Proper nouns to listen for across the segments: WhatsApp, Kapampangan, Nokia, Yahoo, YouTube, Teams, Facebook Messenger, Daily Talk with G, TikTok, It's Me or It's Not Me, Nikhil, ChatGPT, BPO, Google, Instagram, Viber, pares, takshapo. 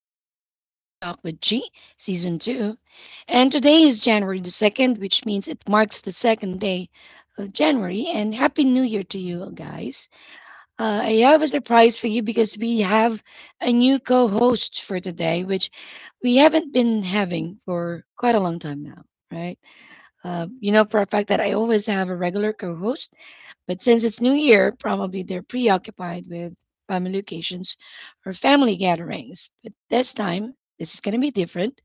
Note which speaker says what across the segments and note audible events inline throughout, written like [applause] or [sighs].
Speaker 1: and welcome to Daily Talk with G, Season 2. And today is January the 2nd, which means it marks the second day of January. And Happy New Year to you guys. I have a surprise for you because we have a new co host for today, which we haven't been having for quite a long time now, right? You know for a fact that I always have a regular co host, but since it's New Year, probably they're preoccupied with family occasions or family gatherings. But this time, this is going to be different.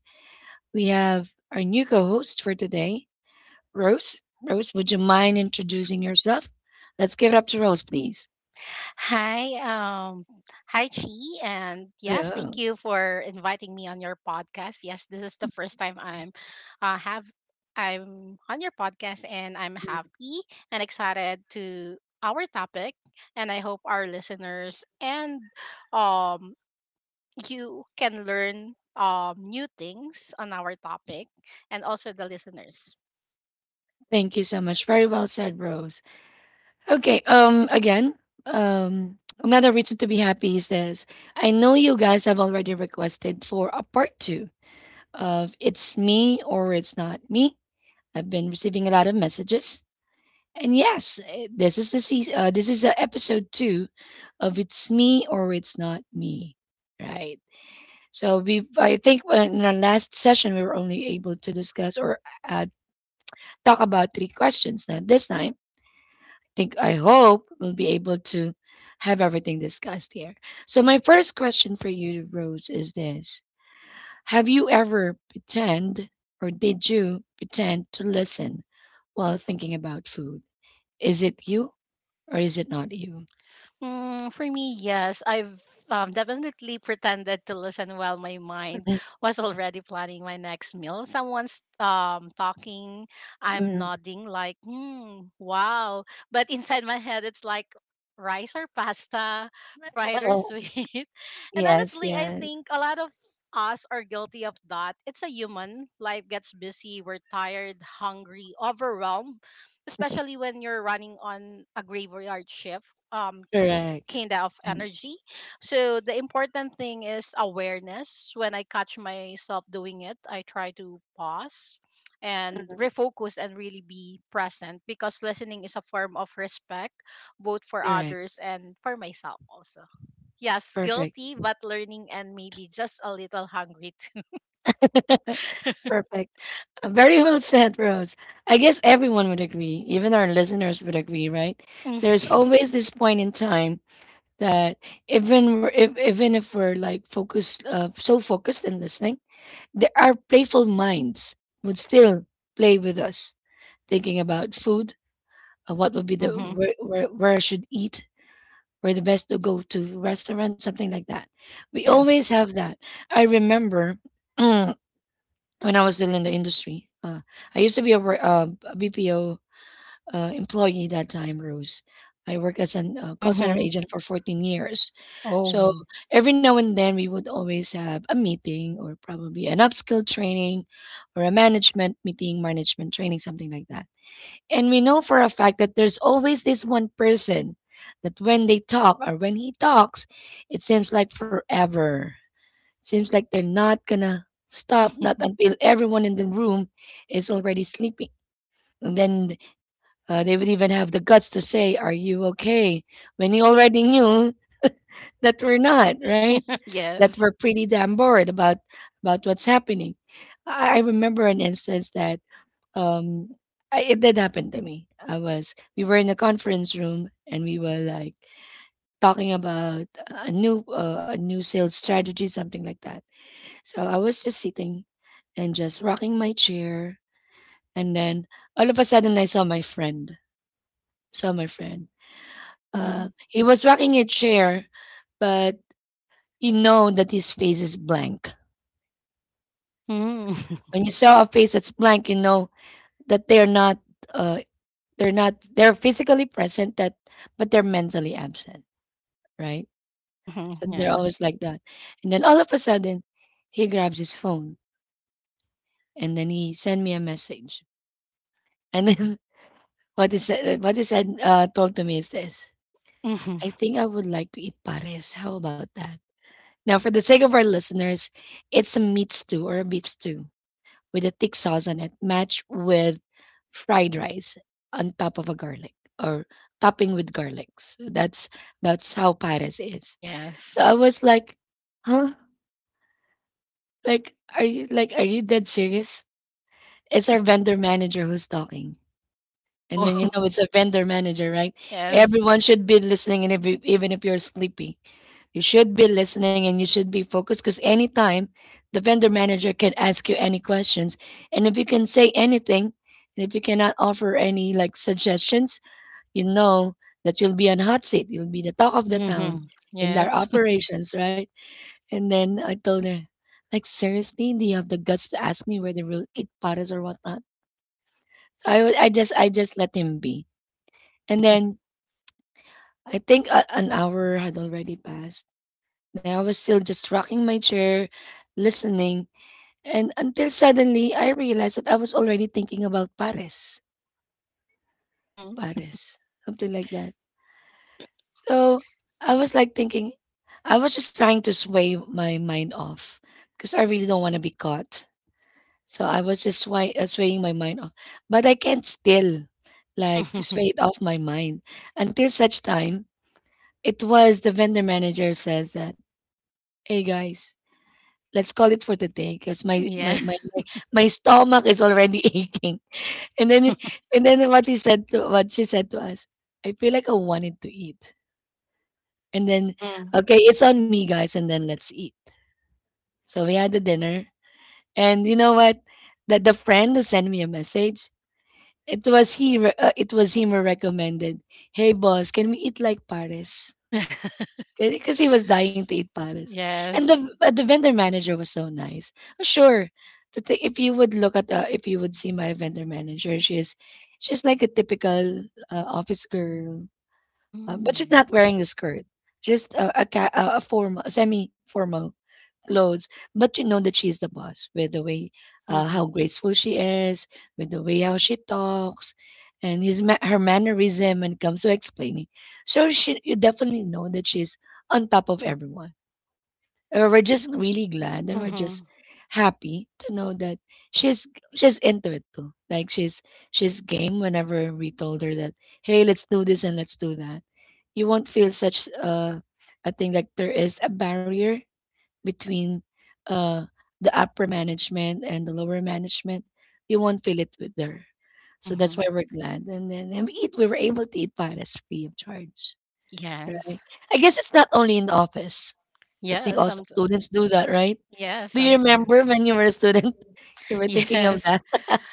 Speaker 1: We have our new co host for today, Rose. Rose, would you mind introducing yourself? Let's give it up to Rose, please.
Speaker 2: Hi, hi Chi, and yes,
Speaker 1: Yeah.
Speaker 2: thank you for inviting me on your podcast. Yes, this is the first time uh, have I'm on your podcast, and I'm happy and excited to our topic, and I hope our listeners and um you can learn new things on our topic, and also the listeners.
Speaker 1: Thank you so much. Very well said, Rose. Okay, again, another reason to be happy is this. I know you guys have already requested for a part two of It's Me or It's Not Me. I've been receiving a lot of messages. And yes, this is the season, this is episode 2 of It's Me or It's Not Me, right? So we I think in our last session we were only able to discuss or uh, talk about three questions. Now this time, I hope we'll be able to have everything discussed here. So my first question for you, Rose, is this. Have you ever pretend or did you pretend to listen while thinking about food? Is it you or is it not you?
Speaker 2: Mm, for me, yes. I've definitely pretended to listen while my mind
Speaker 1: Mm.
Speaker 2: was already planning my next meal. Someone's talking, I'm
Speaker 1: Mm.
Speaker 2: nodding, like, hmm, wow. But inside my head, it's like rice or pasta, fried or
Speaker 1: Oh,
Speaker 2: sweet. [laughs] And
Speaker 1: yes,
Speaker 2: honestly, I
Speaker 1: yes.
Speaker 2: think a lot of us are guilty of that. It's a human. Life gets busy. We're tired, hungry, overwhelmed, especially when you're running on a graveyard shift.
Speaker 1: Correct.
Speaker 2: Kind of
Speaker 1: Mm.
Speaker 2: energy. So the important thing is awareness. When I catch myself doing it, I try to pause and refocus and really be present because listening is a form of respect, both for
Speaker 1: Correct.
Speaker 2: others and for myself also. Yes,
Speaker 1: Perfect.
Speaker 2: guilty but learning and maybe just a little hungry too.
Speaker 1: [laughs] Perfect. Very well said, Rose. I guess everyone would agree, even our listeners would agree, right? There's
Speaker 2: [laughs]
Speaker 1: always this point in time that even if we're like focused, so focused in listening, there our playful minds would still play with us, thinking about food, what would be
Speaker 2: Mm-hmm.
Speaker 1: where I should eat, or the best to go to restaurant, something like that. We
Speaker 2: Yes.
Speaker 1: always have that. I remember [clears throat] when I was still in the industry, I used to be a BPO employee that time, Rose. I worked as an call center
Speaker 2: Mm-hmm.
Speaker 1: agent for 14 years. So
Speaker 2: Oh.
Speaker 1: every now and then we would always have a meeting or probably an upskill training or a management meeting, management training, something like that. And we know for a fact that there's always this one person that when they talk or when he talks, it seems like forever. Seems like they're not gonna stop, not until everyone in the room is already sleeping. And then they would even have the guts to say, "Are you okay?" When he already knew that we're not, right?
Speaker 2: [laughs]
Speaker 1: That we're
Speaker 2: Yes.
Speaker 1: pretty damn bored about what's happening. I remember an instance that um it did happen to me. I was We were in a conference room and we were like talking about a new sales strategy, something like that. So I was just sitting and just rocking my chair, and then all of a sudden I saw my friend saw my friend
Speaker 2: Mm-hmm.
Speaker 1: he was rocking a chair, but you know that his face is blank.
Speaker 2: Mm-hmm.
Speaker 1: When you saw a face that's blank, you know that they're not, uh they're not, they're physically present that but they're mentally absent, right?
Speaker 2: [laughs]
Speaker 1: So they're
Speaker 2: Yes.
Speaker 1: always like that. And then all of a sudden, he grabs his phone and then he sent me a message. And then [laughs] what he said told to me is this. I
Speaker 2: Mm-hmm.
Speaker 1: think I would like to eat pares. How about that? Now, for the sake of our listeners, it's a meat stew or a beef stew, with a thick sauce on it, matched with fried rice on top of a garlic, or topping with garlics. That's how pares is. So
Speaker 2: Yes.
Speaker 1: I was like, huh? Like, are you dead serious? It's our vendor manager who's talking. And
Speaker 2: Oh.
Speaker 1: when you know
Speaker 2: [laughs]
Speaker 1: it's a vendor manager, right?
Speaker 2: Yes.
Speaker 1: Everyone should be listening, and if you- even if you're sleepy. You should be listening and you should be focused because anytime the vendor manager can ask you any questions. And if you can say anything, and if you cannot offer any like suggestions, you know that you'll be on hot seat. You'll be the talk of the town
Speaker 2: Mm-hmm.
Speaker 1: in their
Speaker 2: Yes. [laughs]
Speaker 1: operations, right? And then I told her, like, seriously, do you have the guts to ask me where they will eat pares or whatnot? So I just I just let him be. And then I think an hour had already passed. Now I was still just rocking my chair, listening, and until suddenly I realized that I was already thinking about Paris.
Speaker 2: Mm-hmm.
Speaker 1: Paris. Something like that. So I was like thinking, I was just trying to sway my mind off because I really don't want to be caught. So I was just swaying my mind off. But I can't still like sway it
Speaker 2: [laughs]
Speaker 1: off my mind until such time it was the vendor manager says that, "Hey guys, let's call it for the day because my my
Speaker 2: Yeah.
Speaker 1: my my my stomach is already [laughs] aching." And then
Speaker 2: [laughs]
Speaker 1: what she said to us, "I feel like I wanted to eat." And then,
Speaker 2: Mm-hmm.
Speaker 1: okay, it's on me guys, and then let's eat. So we had the dinner, and you know what? That The friend who sent me a message, it was him who recommended, "Hey boss, can we eat like Paris?"
Speaker 2: [laughs]
Speaker 1: because he was dying to eat pares. And
Speaker 2: Yes.
Speaker 1: the vendor manager was so nice. Sure, if you would look at the if you would see my vendor manager, she's like a typical office girl, but she's
Speaker 2: Mm.
Speaker 1: not wearing the skirt. Just a, ca- a formal, semi formal clothes, but you know that she's the boss with the way
Speaker 2: Mm-hmm.
Speaker 1: how graceful she is, with the way how she talks, and her mannerism when it comes to explaining. So you definitely know that she's on top of everyone. We're just really glad and we're just
Speaker 2: Mm-hmm.
Speaker 1: happy to know that she's she's into it too. Like she's game whenever we told her that, hey, let's do this and let's do that. You won't feel such a thing like there is a barrier between uh, the upper management and the lower management, you won't feel it with there. So that's
Speaker 2: Mm-hmm.
Speaker 1: why we're glad. And then and we eat, we were able to eat pares free of charge.
Speaker 2: Yes.
Speaker 1: Right? I guess it's not only in the office. I think
Speaker 2: Yeah.
Speaker 1: also
Speaker 2: Somet.
Speaker 1: students do that, right?
Speaker 2: Yeah.
Speaker 1: Do you
Speaker 2: Sometimes.
Speaker 1: remember when you were a
Speaker 2: Yeah.
Speaker 1: student? [laughs] You were thinking of
Speaker 2: Yes.
Speaker 1: that.
Speaker 2: [laughs]
Speaker 1: [laughs]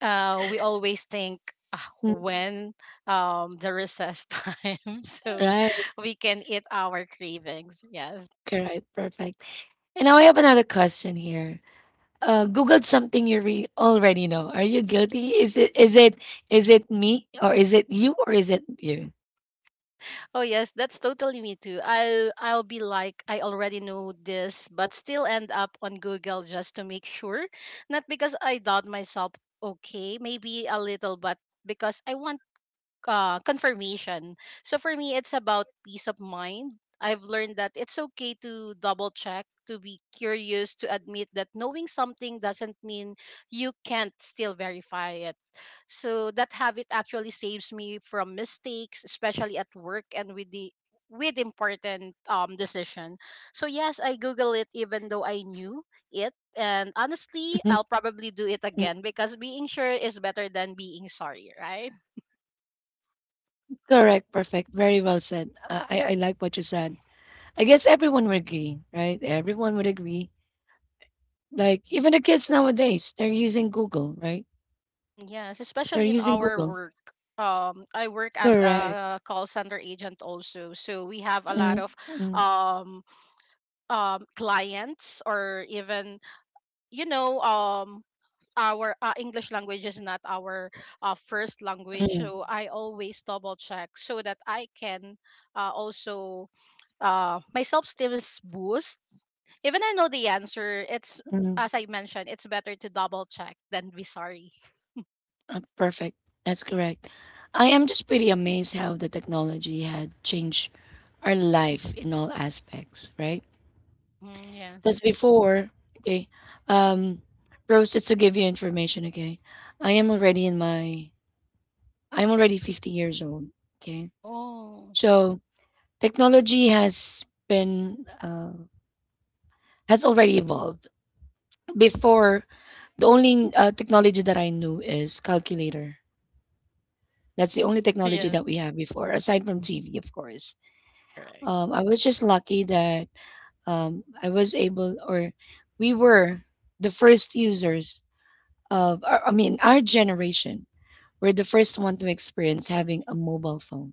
Speaker 2: We always think ah,
Speaker 1: Mm.
Speaker 2: when the recess time, [laughs] so
Speaker 1: Right,
Speaker 2: we can eat our cravings. Yes.
Speaker 1: correct, perfect. And now I have another question here. Googled something you already know. Are you guilty? Is it, is it is it me or is it you or is it you? [laughs]
Speaker 2: Oh yes, that's totally me too. I'll be like I already know this, but still end up on Google just to make sure. Not because I doubt myself. Okay, maybe a little, but because I want confirmation. So for me, it's about peace of mind. I've learned that it's okay to double check, to be curious, to admit that knowing something doesn't mean you can't still verify it. So that habit actually saves me from mistakes, especially at work and with the with important decision. So yes, I google it even though I knew it, and honestly, I'll probably do it again because being sure is better than being sorry, right?
Speaker 1: Correct, perfect, very well said. I like what you said. I guess everyone would agree, right? Everyone would agree. Like even the kids nowadays, they're using Google, right?
Speaker 2: Mm, yes,
Speaker 1: They're
Speaker 2: especially in
Speaker 1: using
Speaker 2: our
Speaker 1: Google.
Speaker 2: work. I work as
Speaker 1: Correct.
Speaker 2: a call center agent also, so we have a lot
Speaker 1: Mm,
Speaker 2: of
Speaker 1: mm,
Speaker 2: um, clients or even you know our English language is not our first language,
Speaker 1: mm,
Speaker 2: so I always double check so that I can also my self esteem is boost. Even I know the answer. It's,
Speaker 1: mm.
Speaker 2: as I mentioned, it's better to double check than be sorry.
Speaker 1: Perfect. That's correct. I am just pretty amazed how the technology had changed our life in all aspects, right?
Speaker 2: Mm-hmm, yeah.
Speaker 1: Because before, okay, um, Rose, just to give you information, okay, I am already in my, I'm already 50 years old, okay?
Speaker 2: Oh.
Speaker 1: So technology has been, has already evolved. Before, the only technology that I knew is calculator. That's the only technology that
Speaker 2: Yes,
Speaker 1: we have before, aside from TV, of course.
Speaker 2: that's correct.
Speaker 1: I was just lucky that I was able, or we were the first users of I mean, our generation were the first one to experience having a mobile phone.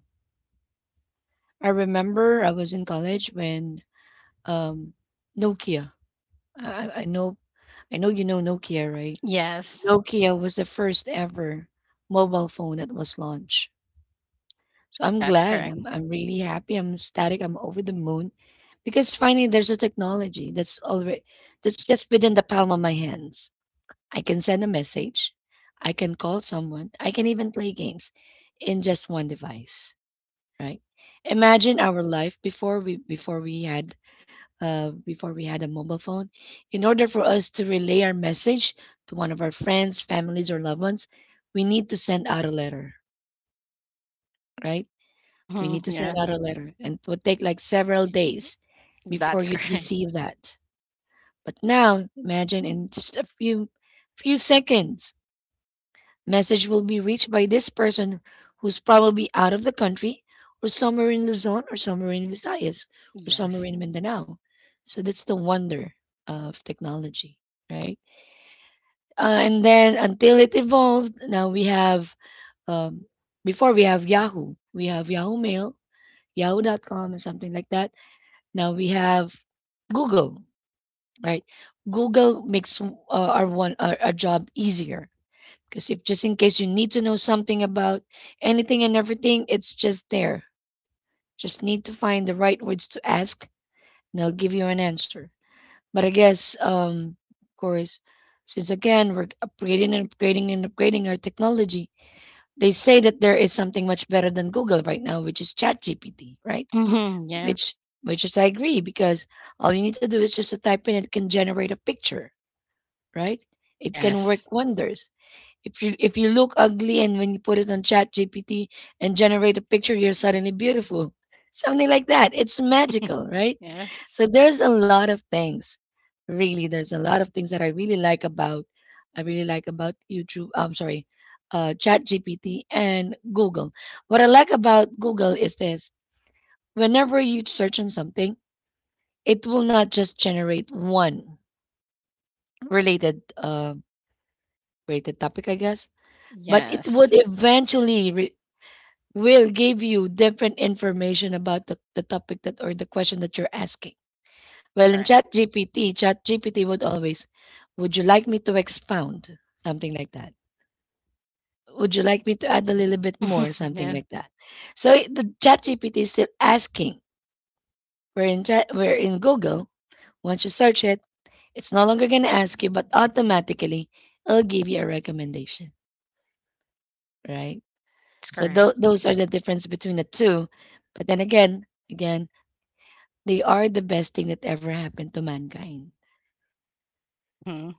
Speaker 1: I remember I was in college when um, Nokia. I know I know you know Nokia, right?
Speaker 2: Yes,
Speaker 1: Nokia was the first ever mobile phone that was launched. So I'm
Speaker 2: that's
Speaker 1: glad.
Speaker 2: correct.
Speaker 1: I'm really happy. I'm ecstatic. I'm over the moon because finally there's a technology that's already that's just within the palm of my hands. I can send a message. I can call someone. I can even play games in just one device, right? Imagine our life before we had a mobile phone. In order for us to relay our message to one of our friends, families, or loved ones, we need to send out a letter, right? We
Speaker 2: Hmm.
Speaker 1: need to send out
Speaker 2: Yes,
Speaker 1: a letter, and it would take like several days before
Speaker 2: that's
Speaker 1: you'd
Speaker 2: [laughs] correct.
Speaker 1: receive that. But now, imagine in just a few seconds, message will be reached by this person who's probably out of the country or somewhere in Luzon or somewhere in Visayas or somewhere
Speaker 2: Yes.
Speaker 1: in Mindanao. So that's the wonder of technology, right? And then until it evolved, now we have, um, before we have Yahoo Mail, yahoo.com, and something like that. Now we have Google, right? Google makes our job easier because if just in case you need to know something about anything and everything, it's just there. Just need to find the right words to ask, and they will give you an answer. But I guess, of course, since again we're upgrading and upgrading and upgrading our technology, they say that there is something much better than Google right now, which is ChatGPT, right?
Speaker 2: Hmm. Yeah.
Speaker 1: Which, which is I agree because all you need to do is just to type in, it can generate a picture, right? It can work
Speaker 2: Yes.
Speaker 1: wonders. If you look ugly and when you put it on Chat GPT and generate a picture, you're suddenly beautiful. Something like that. It's magical, right?
Speaker 2: Yes.
Speaker 1: So there's a lot of things. Really, there's a lot of things that I really like about YouTube. I'm sorry, Chat GPT and Google. What I like about Google is this: whenever you search on something, it will not just generate one related related topic, I guess, but it would
Speaker 2: Yes.
Speaker 1: will give you different information about the topic that or the question that you're asking.
Speaker 2: That's
Speaker 1: Well, in
Speaker 2: correct.
Speaker 1: ChatGPT, ChatGPT would always, would you like me to expound? Something like that. Would you like me to add a little bit
Speaker 2: Hmm.
Speaker 1: more? Something
Speaker 2: Yes,
Speaker 1: like that. So the ChatGPT is still asking. Where in Google, once you search it, it's no longer gonna ask you, but automatically it'll give you a recommendation, right?
Speaker 2: that's
Speaker 1: So
Speaker 2: correct.
Speaker 1: those are the difference between the two. But then again, they are the best thing that ever happened to mankind,
Speaker 2: Hmm.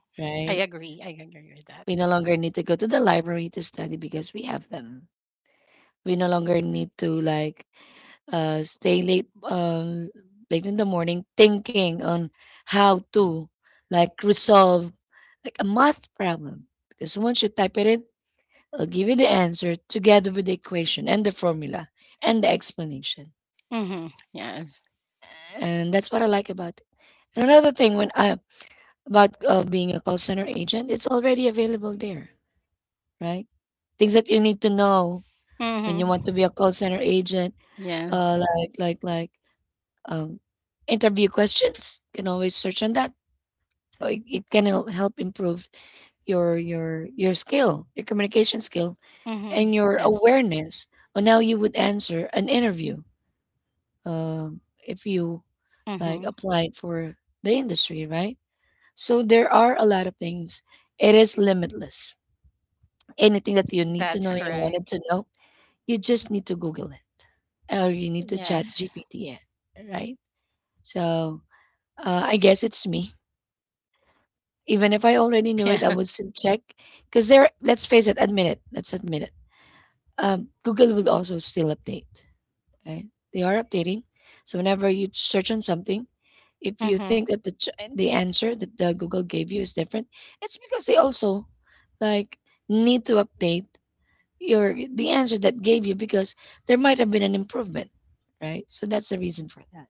Speaker 2: I
Speaker 1: right?
Speaker 2: agree. I agree with that.
Speaker 1: We no longer need to go to the library to study because we have them. We no longer need to like stay late late in the morning thinking on how to like resolve like a math problem because once you type it in, it'll give you the answer together with the equation and the formula and the explanation,
Speaker 2: Hmm. Yes.
Speaker 1: and that's what I like about it. And another thing, when I about being a call center agent, it's already available there, right? Things that you need to know when you want
Speaker 2: Hmm.
Speaker 1: to be a call center agent,
Speaker 2: Yes.
Speaker 1: uh, like like like um, interview questions. You can always search on that. So it can help improve your skill, your communication skill,
Speaker 2: Hmm.
Speaker 1: and your
Speaker 2: Yes.
Speaker 1: awareness on how you would answer an interview, um, if you like
Speaker 2: Hmm.
Speaker 1: applied for the industry, right? So there are a lot of things. It is limitless. Anything that you need to know
Speaker 2: That's
Speaker 1: and you
Speaker 2: correct.
Speaker 1: wanted to know, you just need to Google it or you need to
Speaker 2: Yes.
Speaker 1: ChatGPT it, right? So, I guess it's me. Even if I already
Speaker 2: [laughs]
Speaker 1: knew it,
Speaker 2: Yeah.
Speaker 1: I would still check because there, let's face it, admit it, let's admit it. Google will also still update, right? They are updating. So, whenever you search on something, if you think that the answer that the Google gave you is different, it's because they also like need to update your the answer that gave you because there might have been an improvement, right? So that's the reason for that.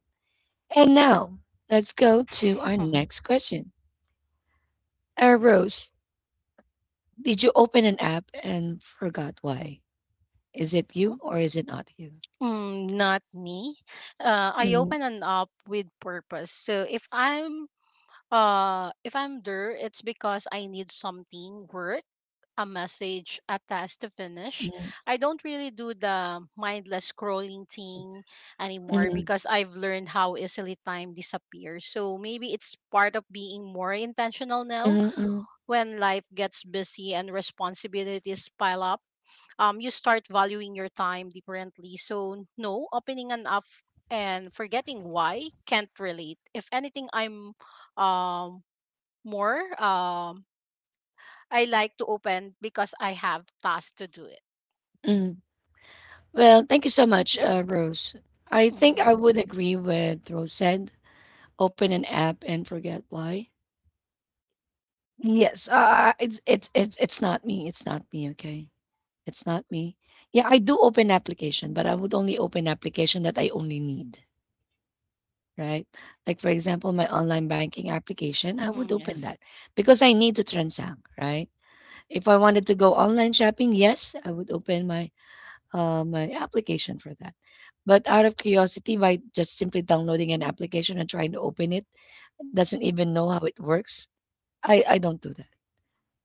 Speaker 1: And now let's go to our
Speaker 2: Hmm.
Speaker 1: next question. Rose, did you open an app and forgot why? Is it you
Speaker 2: [laughs]
Speaker 1: or is it not you?
Speaker 2: Mm, not me. I
Speaker 1: Mhm,
Speaker 2: open an app with purpose. So if I'm there, it's because I need something, work, a message, a task to finish.
Speaker 1: mhm,
Speaker 2: I don't really do the mindless scrolling thing anymore
Speaker 1: mhm,
Speaker 2: because I've learned how easily time disappears. So maybe it's part of being more intentional now,
Speaker 1: mhm, mhm,
Speaker 2: when life gets busy and responsibilities pile up, you start valuing your time differently. So, no, opening an app and forgetting why, can't relate. If anything, I'm um, more, um, I like to open because I have tasks to do it.
Speaker 1: mhm. Well, thank you so much, Rose. I think I
Speaker 2: Mhm.
Speaker 1: would agree with Rose said. Open an app and forget why. Yes, it's not me. It's not me. Okay. It's not me. Yeah, I do open application, but I would only open application that I only need, right? Like for example, my online banking application, I would
Speaker 2: Mhm,
Speaker 1: open
Speaker 2: yes.
Speaker 1: that because I need to transact, right? If I wanted to go online shopping, yes, I would open my my application for that. But out of curiosity, by just simply downloading an application and trying to open it, doesn't even know how it works. I don't do that.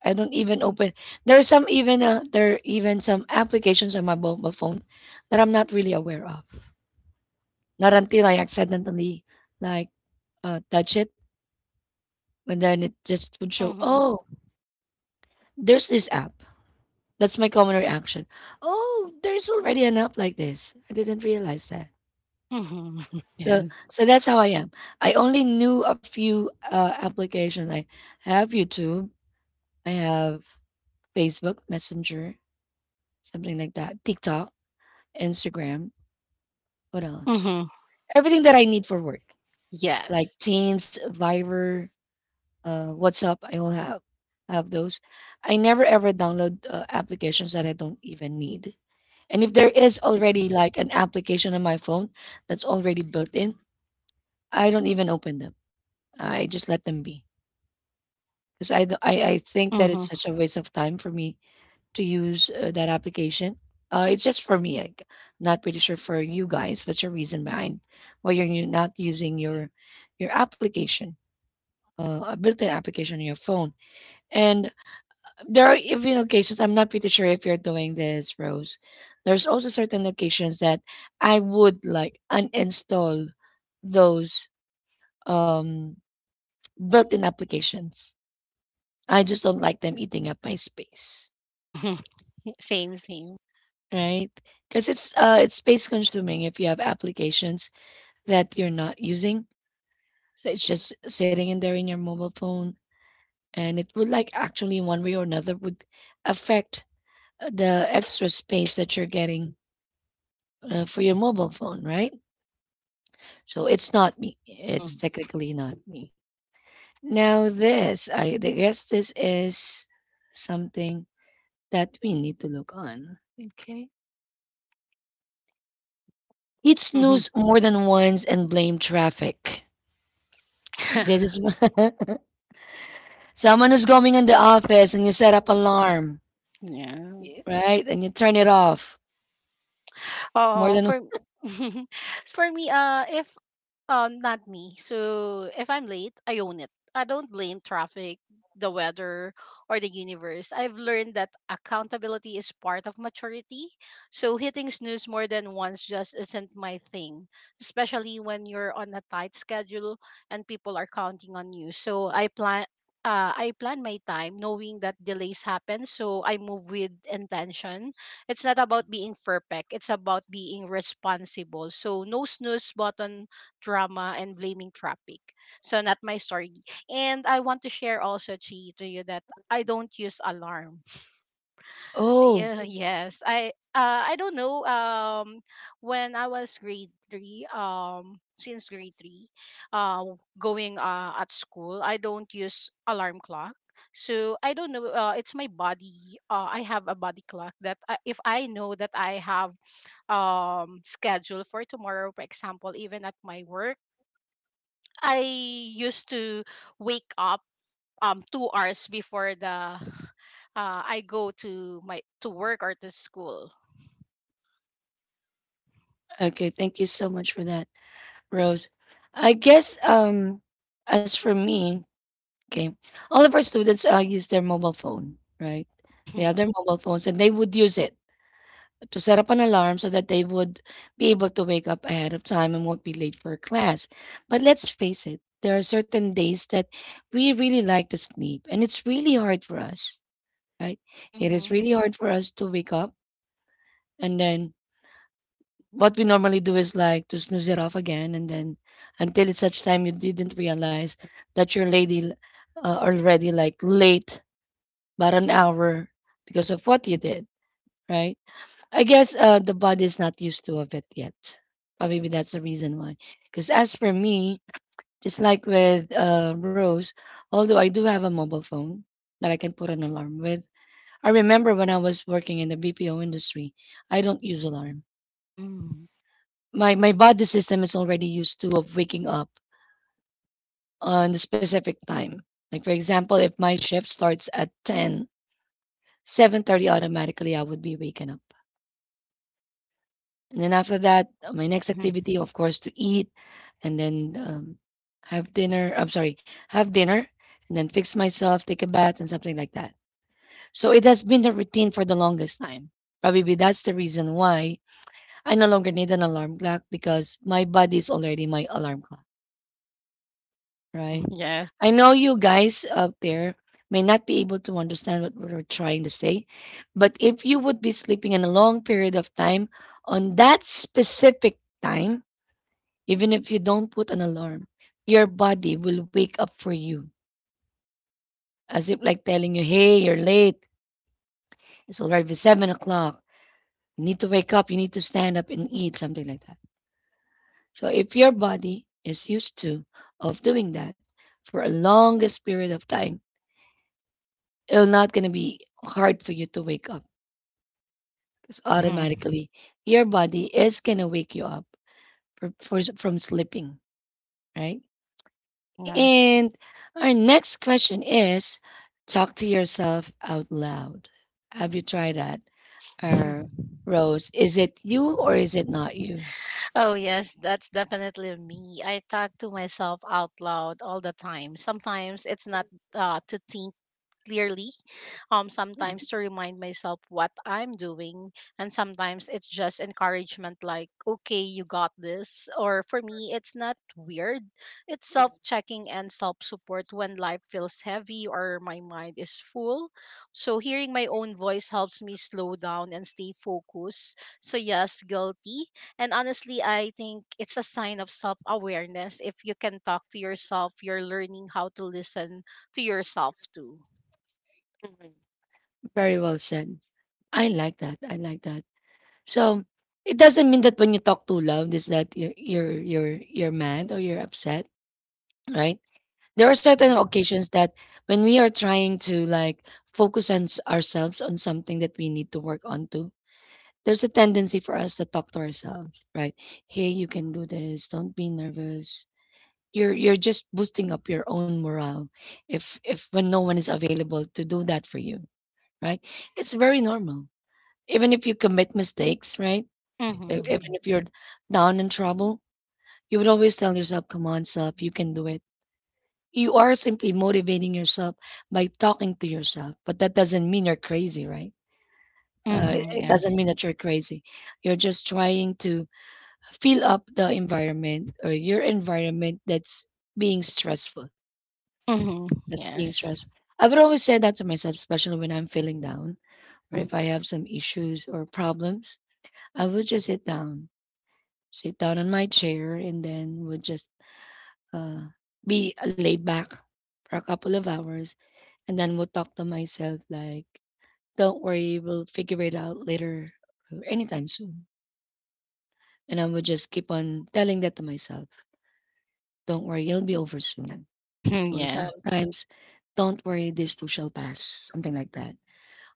Speaker 1: I don't even
Speaker 2: Mhm.
Speaker 1: open. There's some even there are even some applications on my mobile phone that I'm not really aware of. Not until I accidentally like touch it, and then it just would show.
Speaker 2: Mhm.
Speaker 1: Oh, there's this app. That's my common reaction. Oh, there's already an app like this. I didn't realize that.
Speaker 2: Mhm. [laughs]
Speaker 1: So
Speaker 2: Yes.
Speaker 1: so that's how I am. I only knew a few applications. I have YouTube. I have Facebook Messenger, something like that. TikTok, Instagram. What else?
Speaker 2: Mhm.
Speaker 1: Everything that I need for work, like
Speaker 2: Yes.
Speaker 1: Teams, Viber, WhatsApp. I all have those. I never ever download applications that I don't even need. And if there is
Speaker 2: Me too.
Speaker 1: already like an application on my phone that's already built in, I don't even open them. I just let them be because I, d- I think that it's
Speaker 2: Mhm.
Speaker 1: such a waste of time for me to use that application. It's just for me. Like, not pretty sure for you guys. What's your reason behind why you're not using your application, a built-in application on your phone? And there are even occasions. I'm not pretty sure if you're doing this, Rose. There's also certain occasions that I would like uninstall those um, built-in applications. I just don't like them eating up my space.
Speaker 2: Mhm. [laughs] Same, same.
Speaker 1: Right, because it's space consuming if you have applications that you're not using. So it's just sitting in there in your mobile phone, and it would, like, actually one way or another would affect, the extra space that you're getting, for your mobile phone, right? So it's not me.
Speaker 2: Mhm.
Speaker 1: It's technically not me. Now this, I th guess this is something that we need to look on. Okay. Hit
Speaker 2: Mhm.
Speaker 1: snooze more than once and blame traffic. This
Speaker 2: [laughs]
Speaker 1: is [laughs] someone who's going in the office and you set up alarm,
Speaker 2: Yes.
Speaker 1: right? And you turn it off more
Speaker 2: Um,
Speaker 1: than
Speaker 2: for [laughs] for me, if not me. So if I'm late, I own it. I don't blame traffic, the weather, or the universe. I've learned that accountability is part of maturity. So hitting snooze more than once just isn't my thing, especially when you're on a tight schedule and people are counting on you. So I plan. I plan my time knowing that delays happen, so I move with intention. It's not about being perfect, it's about being responsible. So, no snooze button drama and blaming traffic. So not my story. And I want to share also, Chi, to you that I don't use alarm. [laughs]
Speaker 1: [laughs] oh,
Speaker 2: Yeah, yes. I don't know. When I was grade three, since grade three, uh going at school, I don't use alarm clock. So I don't know. It's my body. I have a body clock that if I know that I have schedule for tomorrow, for example, even at my work, I used to wake up 2 hours before the [sighs] I go to my to work or to school.
Speaker 1: okay. Thank you so much for that, Rose. I guess as for me, okay, all of our students use their mobile phone, right? They have their
Speaker 2: Mhm.
Speaker 1: mobile phones and they would use it to set up an alarm so that they would be able to wake up ahead of time and won't be late for class. But let's face it, there are certain days that we really like to sleep, and it's really hard for us, right? It is
Speaker 2: Mhm.
Speaker 1: really hard for us to wake up, and then what we normally do is like to snooze it off again, and then until it's such time you didn't realize that you're lady already like late, but an hour because of what you did, right? I guess the body's not used to of it yet. Or maybe that's the reason why. Because as for me, just like with Rose, although I do have a mobile phone that I can put an alarm with, I remember when I was working in the BPO industry, I don't use alarm.
Speaker 2: Mhm.
Speaker 1: My body system is already used to of waking up on the specific time. Like for example, if my shift starts at ten seven thirty, automatically I would be waking up. And then after that, my next
Speaker 2: Mhm.
Speaker 1: activity, of course, to eat and then have dinner. I'm sorry, have dinner and then fix myself, take a bath, and something like that. So it has been a routine for the longest time. Probably that's the reason why I no longer need an alarm clock because my body is already my alarm clock,
Speaker 2: Mhm.
Speaker 1: right?
Speaker 2: Yes.
Speaker 1: I know you guys out there may not be able to understand what we're trying to say, but if you would be sleeping in a long period of time on that specific time, even if you don't put an alarm, your body will wake up for you, as if like telling you, hey, you're late. It's already 7 o'clock. You need to wake up. You need to stand up and eat, something like that. So if your body is used to of doing that for a longest period of time, it'll not gonna be hard for you to wake up because
Speaker 2: Mhm.
Speaker 1: automatically your body is gonna wake you up for, from sleeping, right?
Speaker 2: Yes.
Speaker 1: And our next question is talk to yourself out loud. Have you tried that? Uh,
Speaker 2: [laughs]
Speaker 1: Rose, is it you or is it not you?
Speaker 2: Oh, yes, that's definitely me. I talk to myself out loud all the time. Sometimes it's not to think clearly,
Speaker 1: Mm,
Speaker 2: sometimes to remind myself what I'm doing, and sometimes it's just encouragement like, okay, you got this. Or for me, it's not weird, it's self-checking and self-support. When life feels heavy or my mind is full, so hearing my own voice helps me slow down and stay focused. So yes, guilty, and honestly I think it's a sign of self-awareness. If you can talk to yourself, you're learning how to listen to yourself too.
Speaker 1: very well said. I like that. I like that. So it doesn't mean that when you talk too loud is that you're mad or you're upset, right? There are certain
Speaker 2: Mhm.
Speaker 1: occasions that when we are trying to like focus on ourselves on something that we need to work on there's a tendency for us to talk to ourselves, right? Hey, you can do this. Don't be nervous. You're just boosting up your own morale if when no one is available to do that for you, right? It's very normal. Even if you commit mistakes, right? Even if you're down in trouble, you would always tell yourself, "Come on, self, you can do it." You are simply motivating yourself by talking to yourself, but that doesn't mean you're crazy, right?
Speaker 2: Mhm.
Speaker 1: It doesn't mean
Speaker 2: Yes.
Speaker 1: that you're crazy. You're just trying to fill up the environment or your environment that's being stressful.
Speaker 2: Mhm.
Speaker 1: That's being
Speaker 2: Yes.
Speaker 1: stressful. I would always say that to myself, especially when I'm feeling down or if I have some issues or problems. I would just sit down on my chair, and then would just uh, be laid back for a couple of hours, and then would talk to myself like, "Don't worry, we'll figure it out later, or anytime soon." And I would just keep on telling that to myself. Don't worry, it'll be over soon,
Speaker 2: Mhm. Yes. Mhm.
Speaker 1: or
Speaker 2: Yes.
Speaker 1: sometimes don't worry, this too shall pass, something like that,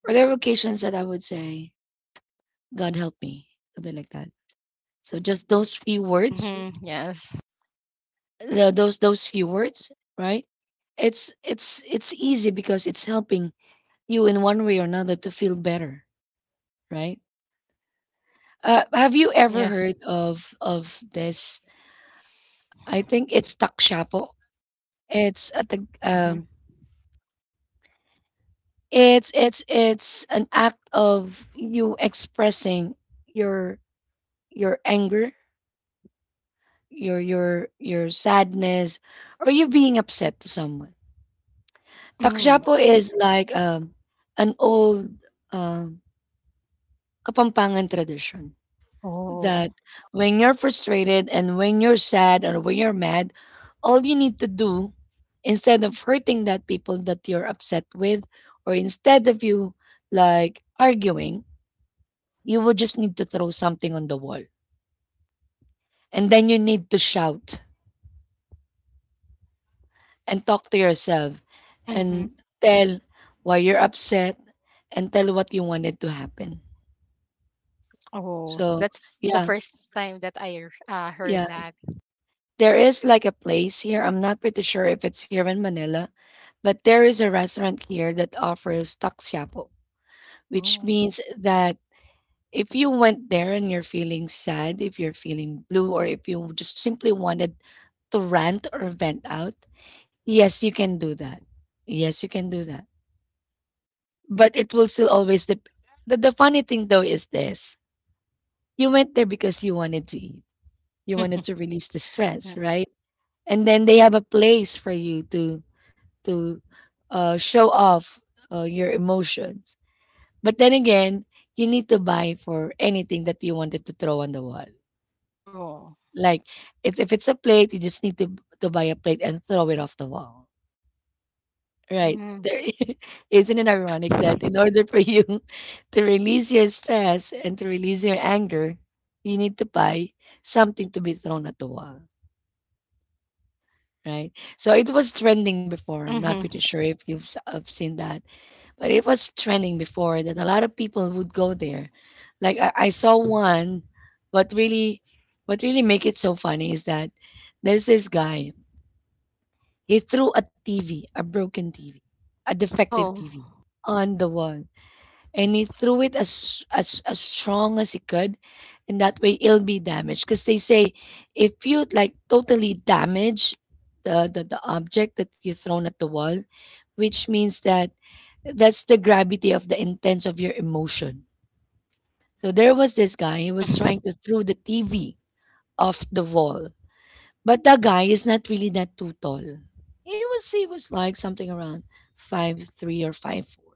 Speaker 1: or there are occasions that I would say, god help me, something like that. So just those few words
Speaker 2: Mhm. Yes.
Speaker 1: the, those few words, right? It's easy because it's helping you in one way or another to feel better, right? Have you ever
Speaker 2: Yes.
Speaker 1: heard of this? I think it's takshapo. It's a tag,
Speaker 2: Mhm.
Speaker 1: it's an act of you expressing your your anger, your sadness, or you being upset to someone.
Speaker 2: Mm.
Speaker 1: Takshapo is like an old, um, Kapampangan tradition
Speaker 2: Oh.
Speaker 1: that when you're frustrated and when you're sad or when you're mad, all you need to do instead of hurting that people that you're upset with or instead of you like arguing, you would just need to throw something on the wall and then you need to shout and talk to yourself
Speaker 2: Mhm.
Speaker 1: and tell why you're upset and tell what you wanted to happen.
Speaker 2: Oh,
Speaker 1: So,
Speaker 2: that's the
Speaker 1: yeah,
Speaker 2: first time that I heard
Speaker 1: yeah.
Speaker 2: that.
Speaker 1: There is like a place here. I'm not pretty sure if it's here in Manila, but there is a restaurant here that offers taksyapo, which
Speaker 2: Oh.
Speaker 1: means that if you went there and you're feeling sad, if you're feeling blue, or if you just simply wanted to rant or vent out, yes, you can do that. Yes, you can do that. But it will still always the funny thing though is this: you went there because you wanted to eat, you wanted to
Speaker 2: [laughs]
Speaker 1: release the stress, right? And then they have a place for you to to show off your emotions, but then again, you need to buy for anything that you wanted to throw on the wall.
Speaker 2: Oh.
Speaker 1: like if it's a plate, you just need to buy a plate and throw it off the wall. Right.
Speaker 2: Mm.
Speaker 1: There [laughs] isn't it ironic that in order for you [laughs] to release your stress and to release your anger, you need to buy something to be thrown at the wall, right? So it was trending before. I'm not
Speaker 2: Mhm.
Speaker 1: pretty sure if have seen that, but it was trending before that a lot of people would go there. Like I saw one, but really, what really make it so funny is that there's this guy. He threw a TV, a broken TV, a defective
Speaker 2: Oh.
Speaker 1: TV on the wall, and he threw it as as strong as he could, and that way it'll be damaged because they say if you like totally damage the object that you thrown at the wall, which means that that's the gravity of the intense of your emotion. So there was this guy, he was trying to throw the TV off the wall, but the guy is not really that too tall. He was like something around 5'3" or 5'4",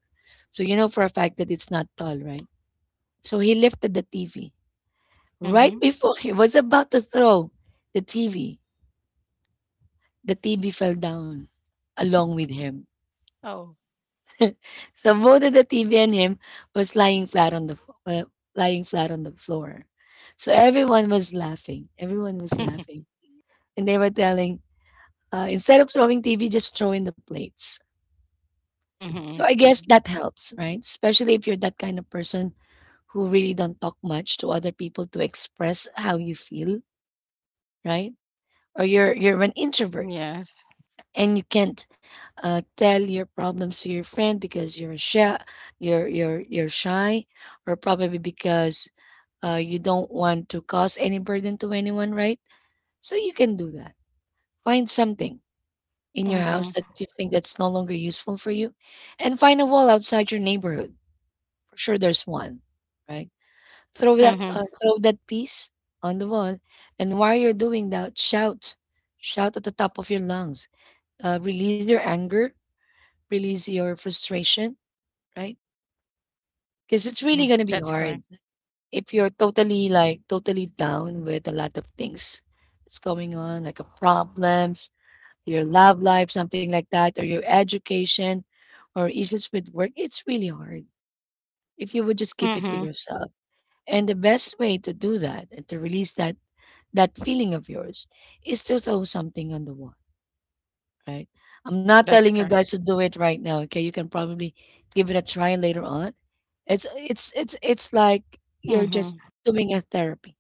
Speaker 1: so you know for a fact that it's not tall, right? So he lifted the TV. Right
Speaker 2: Mhm.
Speaker 1: before he was about to throw the TV, the TV fell down along with him.
Speaker 2: Oh.
Speaker 1: So both of the TV and him was lying flat on the lying flat on the floor. So everyone was laughing. Everyone was
Speaker 2: [laughs]
Speaker 1: laughing, and they were telling, instead of throwing TV, just throw in the plates. So I
Speaker 2: Mhm.
Speaker 1: guess that helps, right? Especially if you're that kind of person who really don't talk much to other people to express how you feel, right? Or you're an introvert
Speaker 2: Yes.
Speaker 1: and you can't tell your problems to your friend because you're shy, you're shy, or probably because you don't want to cause any burden to anyone, right? So you can do that. Find something in your house
Speaker 2: Mhm.
Speaker 1: that you think that's no longer useful for you, and find a wall outside your neighborhood. For sure, there's one, right? Throw that
Speaker 2: Mhm.
Speaker 1: piece on the wall, and while you're doing that, shout, shout at the top of your lungs. Release your anger, release your frustration, right? Because it's really
Speaker 2: Mhm.
Speaker 1: gonna be
Speaker 2: That's
Speaker 1: hard
Speaker 2: correct.
Speaker 1: if you're totally like totally down with a lot of things that's going on, like a problems, your love life, something like that, or your education or issues with work. It's really hard if you would just keep it to
Speaker 2: Mhm.
Speaker 1: yourself. And the best way to do that and to release that feeling of yours is to throw something on the wall. Right? I'm not
Speaker 2: That's
Speaker 1: telling you
Speaker 2: correct.
Speaker 1: guys to do it right now, okay? You can probably give it a try later on. It's like you're just
Speaker 2: Mhm.
Speaker 1: doing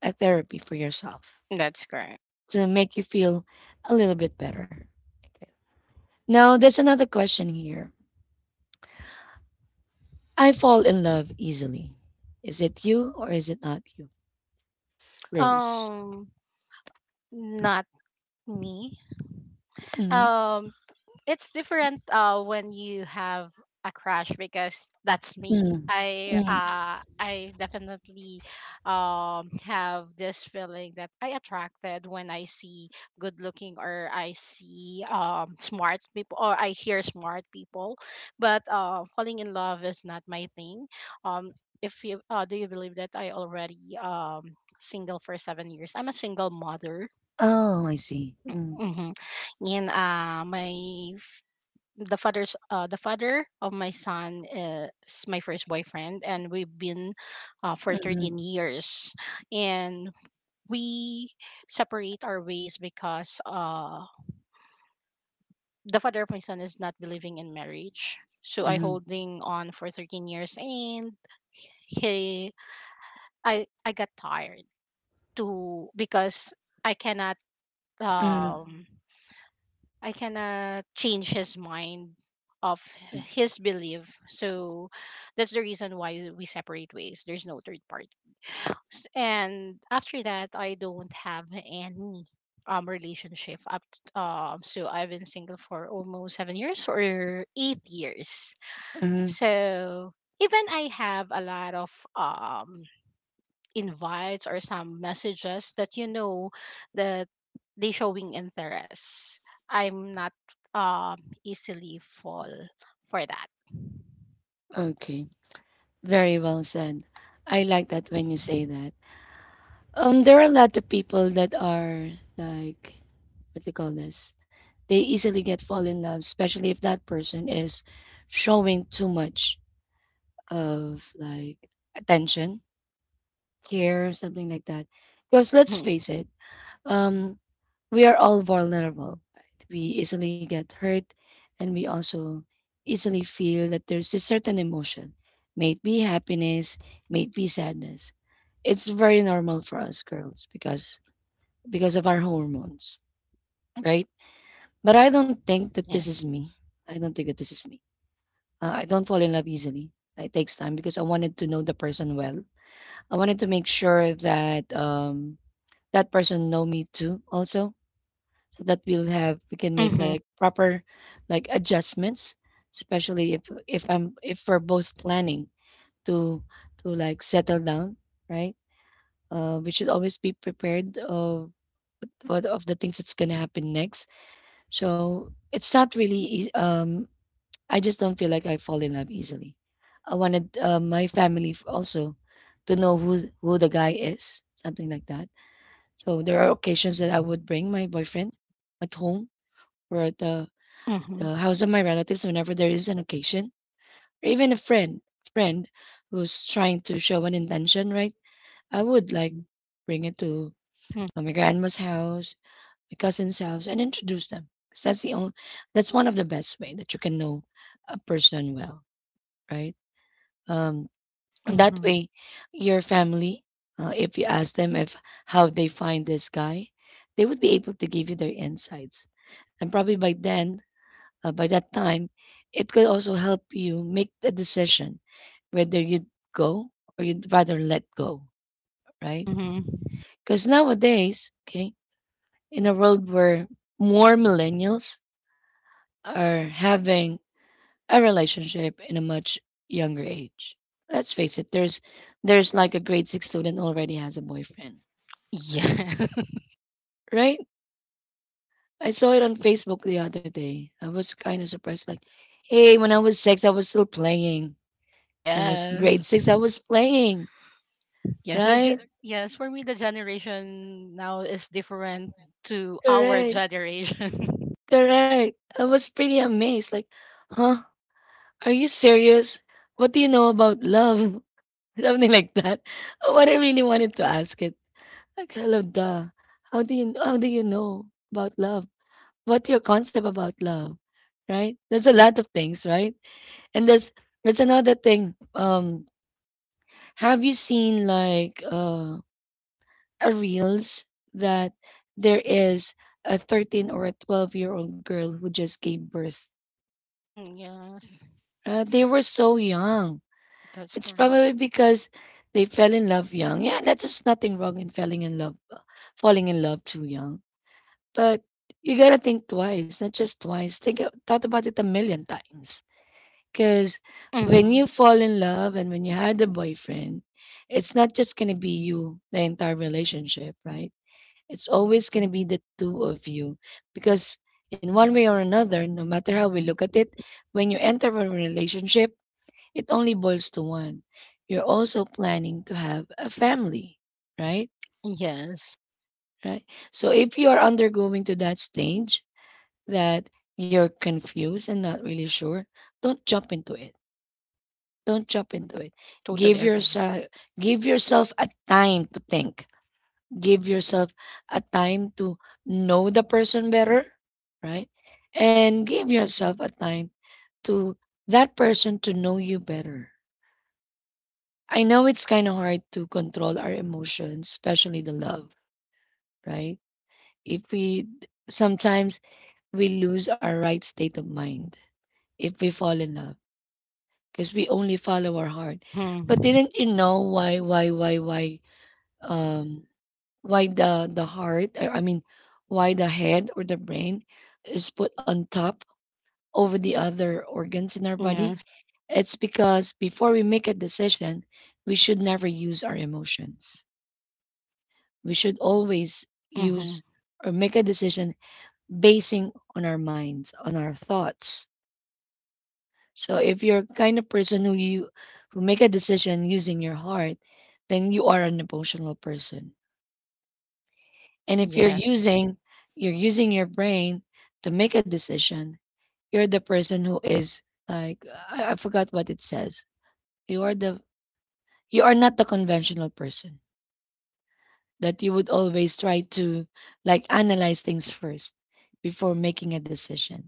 Speaker 1: a therapy for yourself
Speaker 2: That's correct.
Speaker 1: to make you feel a little bit better. Okay. Now there's another question here. I fall in love easily. Is it you or is it not you, Rose?
Speaker 2: Um, not me.
Speaker 1: Mm,
Speaker 2: Um, it's different when you have a crush, because that's me.
Speaker 1: mm,
Speaker 2: i
Speaker 1: mm.
Speaker 2: uh i definitely have this feeling that I attracted when I see good looking, or I see smart people, or I hear smart people. But falling in love is not my thing. um if you do you believe that I already single for 7 years? I'm a single mother.
Speaker 1: Oh, I see. Mm,
Speaker 2: Hmm. And uh, my the father of my son is my first boyfriend, and we've been for
Speaker 1: mm,
Speaker 2: 13 years, and we separate our ways because the father of my son is not believing in marriage, so I
Speaker 1: mm,
Speaker 2: holding on for 13 years and he I got tired to because i cannot
Speaker 1: mm,
Speaker 2: um I cannot change his mind of
Speaker 1: mm,
Speaker 2: his belief. So that's the reason why we separate ways. There's no third parties. And after that, I don't have any relationship up, so I've been single for almost 7 years or 8 years.
Speaker 1: mm.
Speaker 2: So even I have a lot of um invites or some messages that you know that they showing interest. I'm not um easily fall for that.
Speaker 1: Okay. Very well said. I like that when you say that. There are a lot of people that are like, what do you call this? They easily get fall in love, especially if that person is showing too much of like attention, care, something like that. Because let's
Speaker 2: Mm-hmm.
Speaker 1: face it, um, we are all vulnerable. Right? We easily get hurt, and we also easily feel that there's a certain emotion, may it be happiness, may it be sadness. It's very normal for us girls because of our hormones, right? But I don't think that this is
Speaker 2: Yes.
Speaker 1: me. I don't think that this is me. I don't fall in love easily. It takes time because I wanted to know the person well. I wanted to make sure that that person know me too also so that we can make
Speaker 2: Mm-hmm.
Speaker 1: like proper like adjustments, especially if we're both planning to like settle down, right? We should always be prepared of what of the things that's going to happen next. So it's not really easy. I just don't feel like I fall in love easily. I wanted my family also to know who the guy is, something like that. So there are occasions that I would bring my boyfriend at home or at the
Speaker 2: Mm-hmm.
Speaker 1: house of my relatives whenever there is an occasion, or even a friend who's trying to show an intention, right? I would like bring it to
Speaker 2: Mm-hmm.
Speaker 1: my grandma's house, my cousin's house, and introduce them. 'Cause that's that's one of the best way that you can know a person well, right? Um, and that
Speaker 2: Mm-hmm.
Speaker 1: way, your family, if you ask them if how they find this guy, they would be able to give you their insights, and probably by then by that time, it could also help you make the decision whether you'd go or you'd rather let go, right?
Speaker 2: Mm-hmm.
Speaker 1: Because nowadays, okay, in a world where more millennials are having a relationship in a much younger age, let's face it, there's like a grade 6 student already has a boyfriend,
Speaker 2: Yes. [laughs]
Speaker 1: right? I saw it on Facebook the other day. I was kind of surprised, like, hey, when I was six, I was still playing. I was grade
Speaker 2: Yes.
Speaker 1: six, I was playing.
Speaker 2: Yes.
Speaker 1: Right,
Speaker 2: Yes. For me, the generation now is different to our
Speaker 1: correct,
Speaker 2: generation. [laughs]
Speaker 1: correct. I was pretty amazed. Like, huh? Are you serious? What do you know about love? [laughs] Something like that. What I really wanted to ask it. Like, hello, duh. How do you know about love? What's your concept about love? Right? There's a lot of things, right? And there's another thing. Have you seen like a reels that there is a 13 or a 12-year-old girl who just gave birth.
Speaker 2: Mm, yes.
Speaker 1: They were so young.
Speaker 2: That's
Speaker 1: It's
Speaker 2: correct.
Speaker 1: probably because they fell in love young. Yeah, that is just nothing wrong in falling in love too young. But you gotta think twice, not just twice. Thought about it a million times. Because when
Speaker 2: Hmm.
Speaker 1: you fall in love and when you had a boyfriend, it's not just gonna be you the entire relationship, right? It's always gonna be the two of you because in one way or another, no matter how we look at it, when you enter a relationship it only boils to one. You're also planning to have a family, right?
Speaker 2: Yes.
Speaker 1: Right. So if you are undergoing to that stage that you're confused and not really sure, don't jump into it. Don't jump into it.
Speaker 2: Totally
Speaker 1: Give
Speaker 2: agree.
Speaker 1: yourself give yourself a time to think. Give yourself a time to know the person better, right? And give yourself a time to that person to know you better. I know it's kind of hard to control our emotions, especially the love, right? If we sometimes we lose our right state of mind if we fall in love because we only follow our heart.
Speaker 2: Hmm.
Speaker 1: But didn't you know um why the heart I mean why the head or the brain is put on top over the other organs in our body?
Speaker 2: Yes.
Speaker 1: It's because before we make a decision, we should never use our emotions, we should always
Speaker 2: Hmm.
Speaker 1: use or make a decision basing on our minds, on our thoughts. So if you're kind of person who you who make a decision using your heart, then you are an emotional person. And if you're
Speaker 2: Yes.
Speaker 1: using you're using your brain to make a decision, you're the person who is like I forgot what it says. You are the you are not the conventional person that you would always try to like analyze things first before making a decision.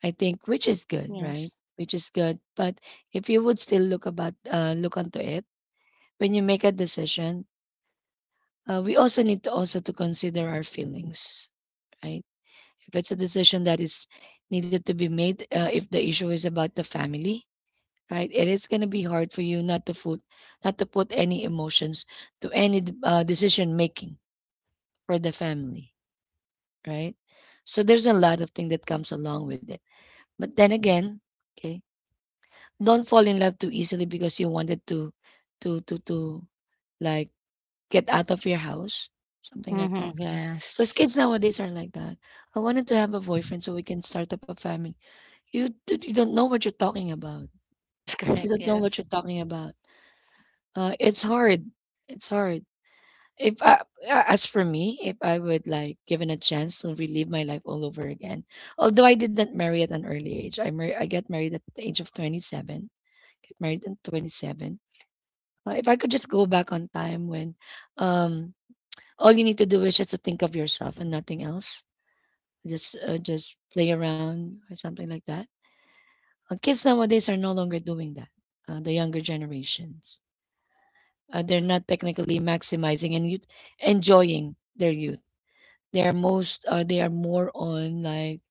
Speaker 1: I think which is good, right?
Speaker 2: Yes.
Speaker 1: Which is good. But if you would still look about look onto it when you make a decision, we also need to also to consider our feelings, right? If it's a decision that is needed to be made, if the issue is about the family, right? It is gonna be hard for you not to put not to put any emotions to any decision making for the family, right? So there's a lot of thing that comes along with it. But then again, okay, don't fall in love too easily because you wanted to, to, to, to, like get out of your house, something like
Speaker 2: Hmm.
Speaker 1: that. Because
Speaker 2: Yes.
Speaker 1: kids nowadays are like that. I wanted to have a boyfriend so we can start up a family. You don't know what you're talking about.
Speaker 2: [laughs] That's
Speaker 1: You
Speaker 2: correct.
Speaker 1: don't know what
Speaker 2: Yes.
Speaker 1: you're talking about. It's hard. It's hard. If I, a- As for me, if I would like given a chance to relive my life all over again, although I didn't marry at an early age, I got married at the age of 27. Get married at 27. If I could just go back on time when, um, all you need to do is just to think of yourself and nothing else. Just play around or something like that. Kids nowadays are no longer doing that. The younger generations, they're not technically maximizing and youth, enjoying their youth. They are most they are more on like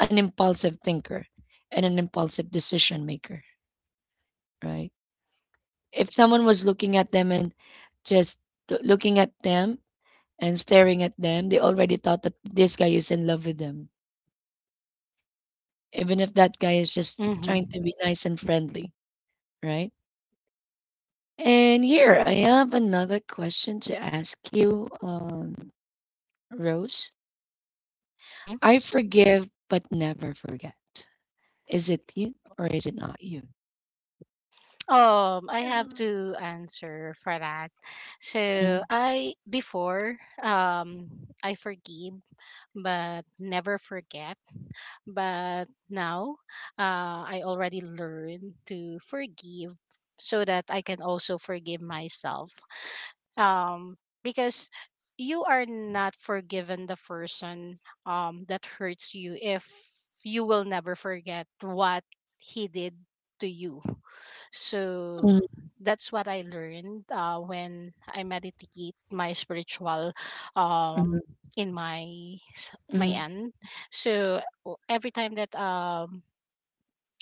Speaker 1: an impulsive thinker and an impulsive decision maker, right? If someone was looking at them and just looking at them and staring at them, they already thought that this guy is in love with them, even if that guy is just trying
Speaker 2: hmm
Speaker 1: to be nice and friendly, right? And here I have another question to ask you, Rose.
Speaker 2: hmm
Speaker 1: I forgive but never forget. Is it you or is it not you?
Speaker 2: I have to answer for that. So
Speaker 1: Mm-hmm.
Speaker 2: I before, I forgive but never forget. But now I already learned to forgive, so that I can also forgive myself. Um because you are not forgiven the person that hurts you if you will never forget what he did to you. So that's what I learned when I meditate my spiritual,
Speaker 1: Mhm,
Speaker 2: um, in my my
Speaker 1: mhm,
Speaker 2: end. So every time that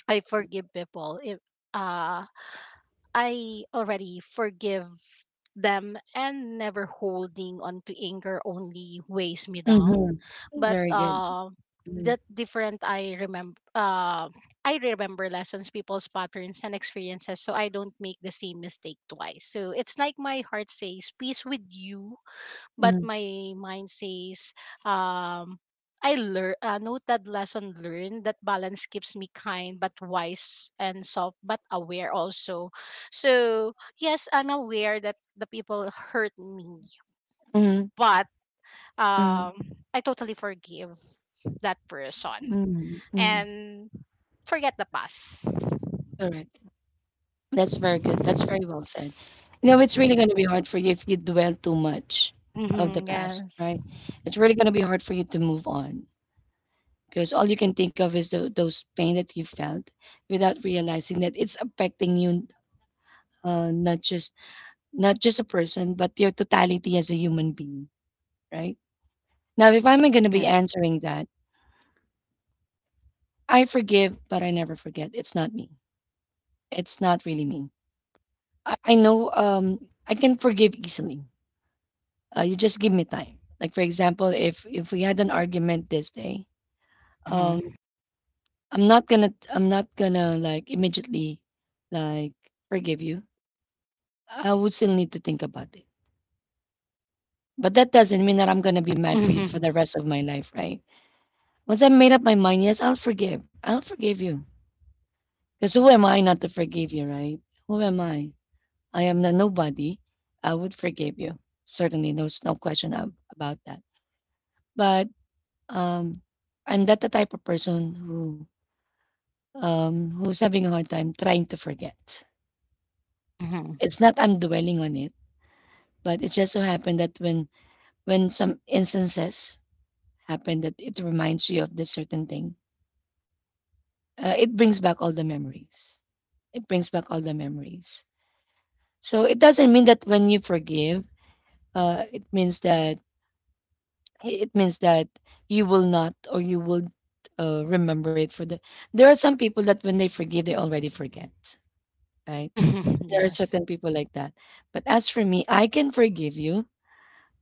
Speaker 2: I forgive people, if uh, I already forgive them, and never holding on to anger only weighs me down.
Speaker 1: mhm.
Speaker 2: But
Speaker 1: Very good. Mhm,
Speaker 2: that different. I remember lessons, people's patterns and experiences, so I don't make the same mistake twice. So it's like my heart says peace with you, but
Speaker 1: mhm,
Speaker 2: my mind says, um I learn, noted, lesson learned, that balance keeps me kind but wise, and soft but aware also. So yes, I'm aware that the people hurt me,
Speaker 1: mhm,
Speaker 2: but
Speaker 1: mhm,
Speaker 2: I totally forgive that person
Speaker 1: mhm, mhm.
Speaker 2: and forget the past.
Speaker 1: Correct. That's very good. That's very well said. You know, it's really going to be hard for you if you dwell too much of the
Speaker 2: Mhm,
Speaker 1: past,
Speaker 2: yes.
Speaker 1: right? It's really going to be hard for you to move on because all you can think of is those pain that you felt without realizing that it's affecting you, not just not just a person, but your totality as a human being, right? Now, if I'm going to be
Speaker 2: Yes.
Speaker 1: answering that, I forgive, but I never forget. It's not me. It's not really me. I know I can forgive easily. You just give me time. Like for example, if we had an argument this day, um
Speaker 2: Mhm.
Speaker 1: I'm not gonna like immediately like forgive you. I would still need to think about it. But that doesn't mean that I'm gonna be mad for you for
Speaker 2: Mhm.
Speaker 1: the rest of my life, right? Once I made up my mind, yes, I'll forgive. I'll forgive you. Because who am I not to forgive you, right? Who am I? I am the nobody, I would forgive you. Certainly, there's no question about that. But um, I'm not the type of person who who's having a hard time trying to forget.
Speaker 2: Mhm. Mhm.
Speaker 1: It's not I'm dwelling on it, but it just so happened that when some instances happen that it reminds you of this certain thing, it brings back all the memories. It brings back all the memories. So it doesn't mean that when you forgive, uh, it means that it means that you will not or you will remember it for the there are some people that when they forgive they already forget, right?
Speaker 2: [laughs]
Speaker 1: There are
Speaker 2: Yes.
Speaker 1: certain people like that, but as for me I can forgive you,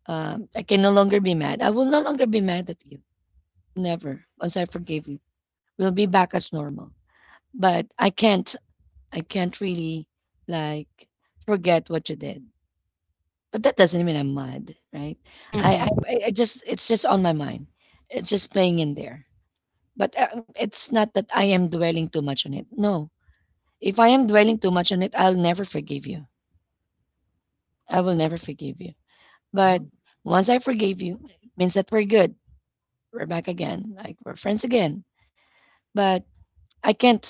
Speaker 1: I can no longer be mad, I will no longer be mad at you. Never once I forgive you, we'll be back as normal. But I can't, I can't really like forget what you did. But that doesn't mean I'm mad, right? i
Speaker 2: Mhm.
Speaker 1: i, I I just it's just on my mind, it's just playing in there. But it's not that I am dwelling too much on it. No. If I am dwelling too much on it, I'll never forgive you. I will never forgive you. But
Speaker 2: Mhm.
Speaker 1: once I forgive you, it means that we're good. We're back again. Like we're friends again. But I can't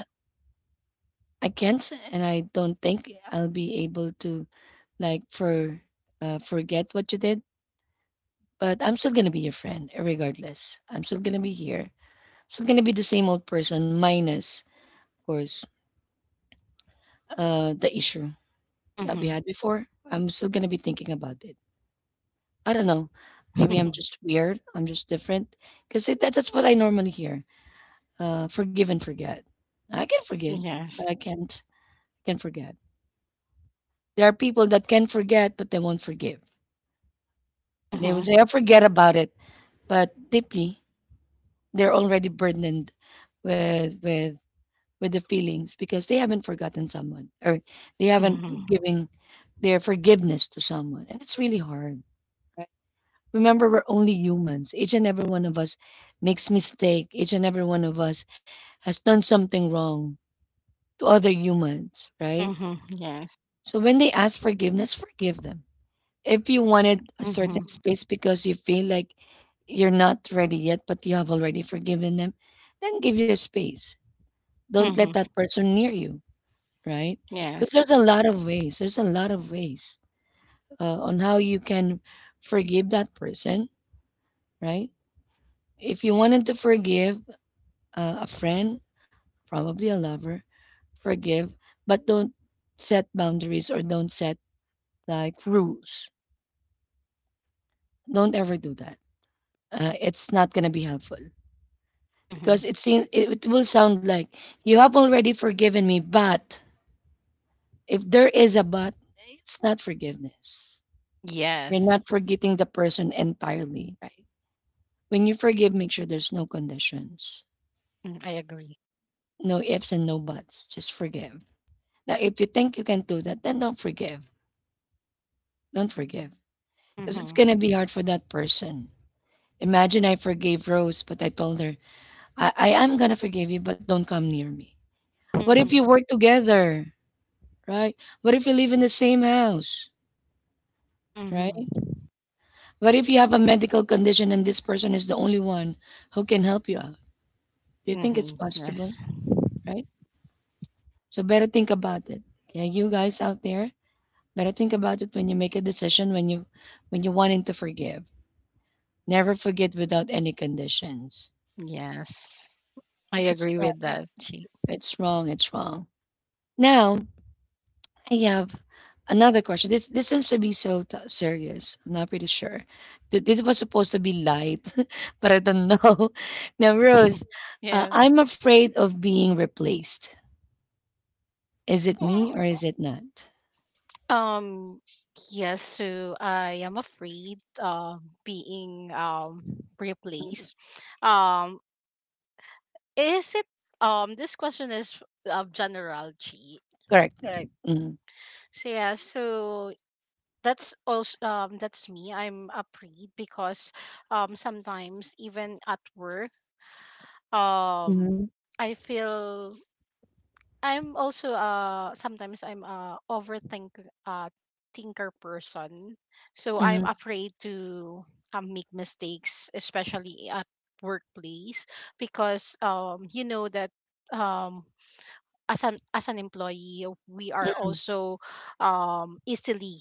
Speaker 1: I can't and I don't think I'll be able to like forget what you did. But I'm still gonna be your friend regardless. I'm still gonna be here. Still gonna be the same old person minus of course the issue that we
Speaker 2: Mhm.
Speaker 1: had before, I'm still gonna be thinking about it. I don't know. Maybe I'm
Speaker 2: [laughs]
Speaker 1: just weird. I'm just different. Because that's what I normally hear. Forgive and forget. I can forgive,
Speaker 2: Yes.
Speaker 1: but I can't can forget. There are people that can forget, but they won't forgive. And they will
Speaker 2: Mm-hmm.
Speaker 1: say, I forget about it. But deeply, they're already burdened with with the feelings because they haven't forgotten someone or they
Speaker 2: Mm-hmm.
Speaker 1: haven't given their forgiveness to someone. And it's really hard, right? Remember, we're only humans. Each and every one of us makes mistake. Each and every one of us has done something wrong to other humans, right?
Speaker 2: Mm-hmm. Yes.
Speaker 1: So when they ask forgiveness, forgive them. If you wanted a certain
Speaker 2: Mm-hmm.
Speaker 1: space because you feel like you're not ready yet, but you have already forgiven them, then give your space. Don't let
Speaker 2: Mm-hmm.
Speaker 1: that person near you, right? Because
Speaker 2: Yes.
Speaker 1: there's a lot of ways. There's a lot of ways on how you can forgive that person, right? If you wanted to forgive, a friend, probably a lover, forgive, but don't set boundaries or don't set like rules. Don't ever do that. It's not gonna be helpful
Speaker 2: Mm-hmm.
Speaker 1: because it seems it will sound like you have already forgiven me, but if there is a but, it's not forgiveness. You're not
Speaker 2: Yes.
Speaker 1: forgetting the person entirely, right? When you forgive, make sure there's no conditions,
Speaker 2: Mm, I agree.
Speaker 1: no ifs and no buts. Just forgive. Now, if you think you can do that, then don't forgive. Don't forgive because it's
Speaker 2: Mm-hmm.
Speaker 1: going to be hard for that person. Imagine I forgave Rose, but I told her, I am going to forgive you, but don't come near me. What if you
Speaker 2: Mm-hmm.
Speaker 1: work together, right? What if you live in the same house, right?
Speaker 2: Mm-hmm.
Speaker 1: What if you have a medical condition and this person is the only one who can help you out? Do you think
Speaker 2: Mm-hmm.
Speaker 1: it's possible,
Speaker 2: Yes.
Speaker 1: right? So better think about it. Okay, you guys out there, better think about it when you make a decision, when you're wanting to forgive. Never forget without any conditions.
Speaker 2: Yes. I
Speaker 1: Because it's
Speaker 2: agree with
Speaker 1: not
Speaker 2: that, Chi.
Speaker 1: it's wrong, it's wrong. Now, I have another question. This seems to be so serious. I'm not pretty sure. This was supposed to be light, [laughs] but I don't know. [laughs] Now, Rose,
Speaker 2: [laughs] Yeah.
Speaker 1: I'm afraid of being replaced. Is it me
Speaker 2: Mm.
Speaker 1: or is it not?
Speaker 2: Um. Yes. So I am afraid of being replaced. Um. Is it um? This question is of general, Chi.
Speaker 1: Correct. Correct. Mm.
Speaker 2: So yeah, so that's also that's me. I'm afraid because sometimes even at work, um
Speaker 1: Mm-hmm.
Speaker 2: I feel I'm also sometimes I'm a overthink uh thinker person. So I'm
Speaker 1: Mm-hmm.
Speaker 2: afraid to make mistakes, especially at workplace, because you know that um as an employee, we are also easily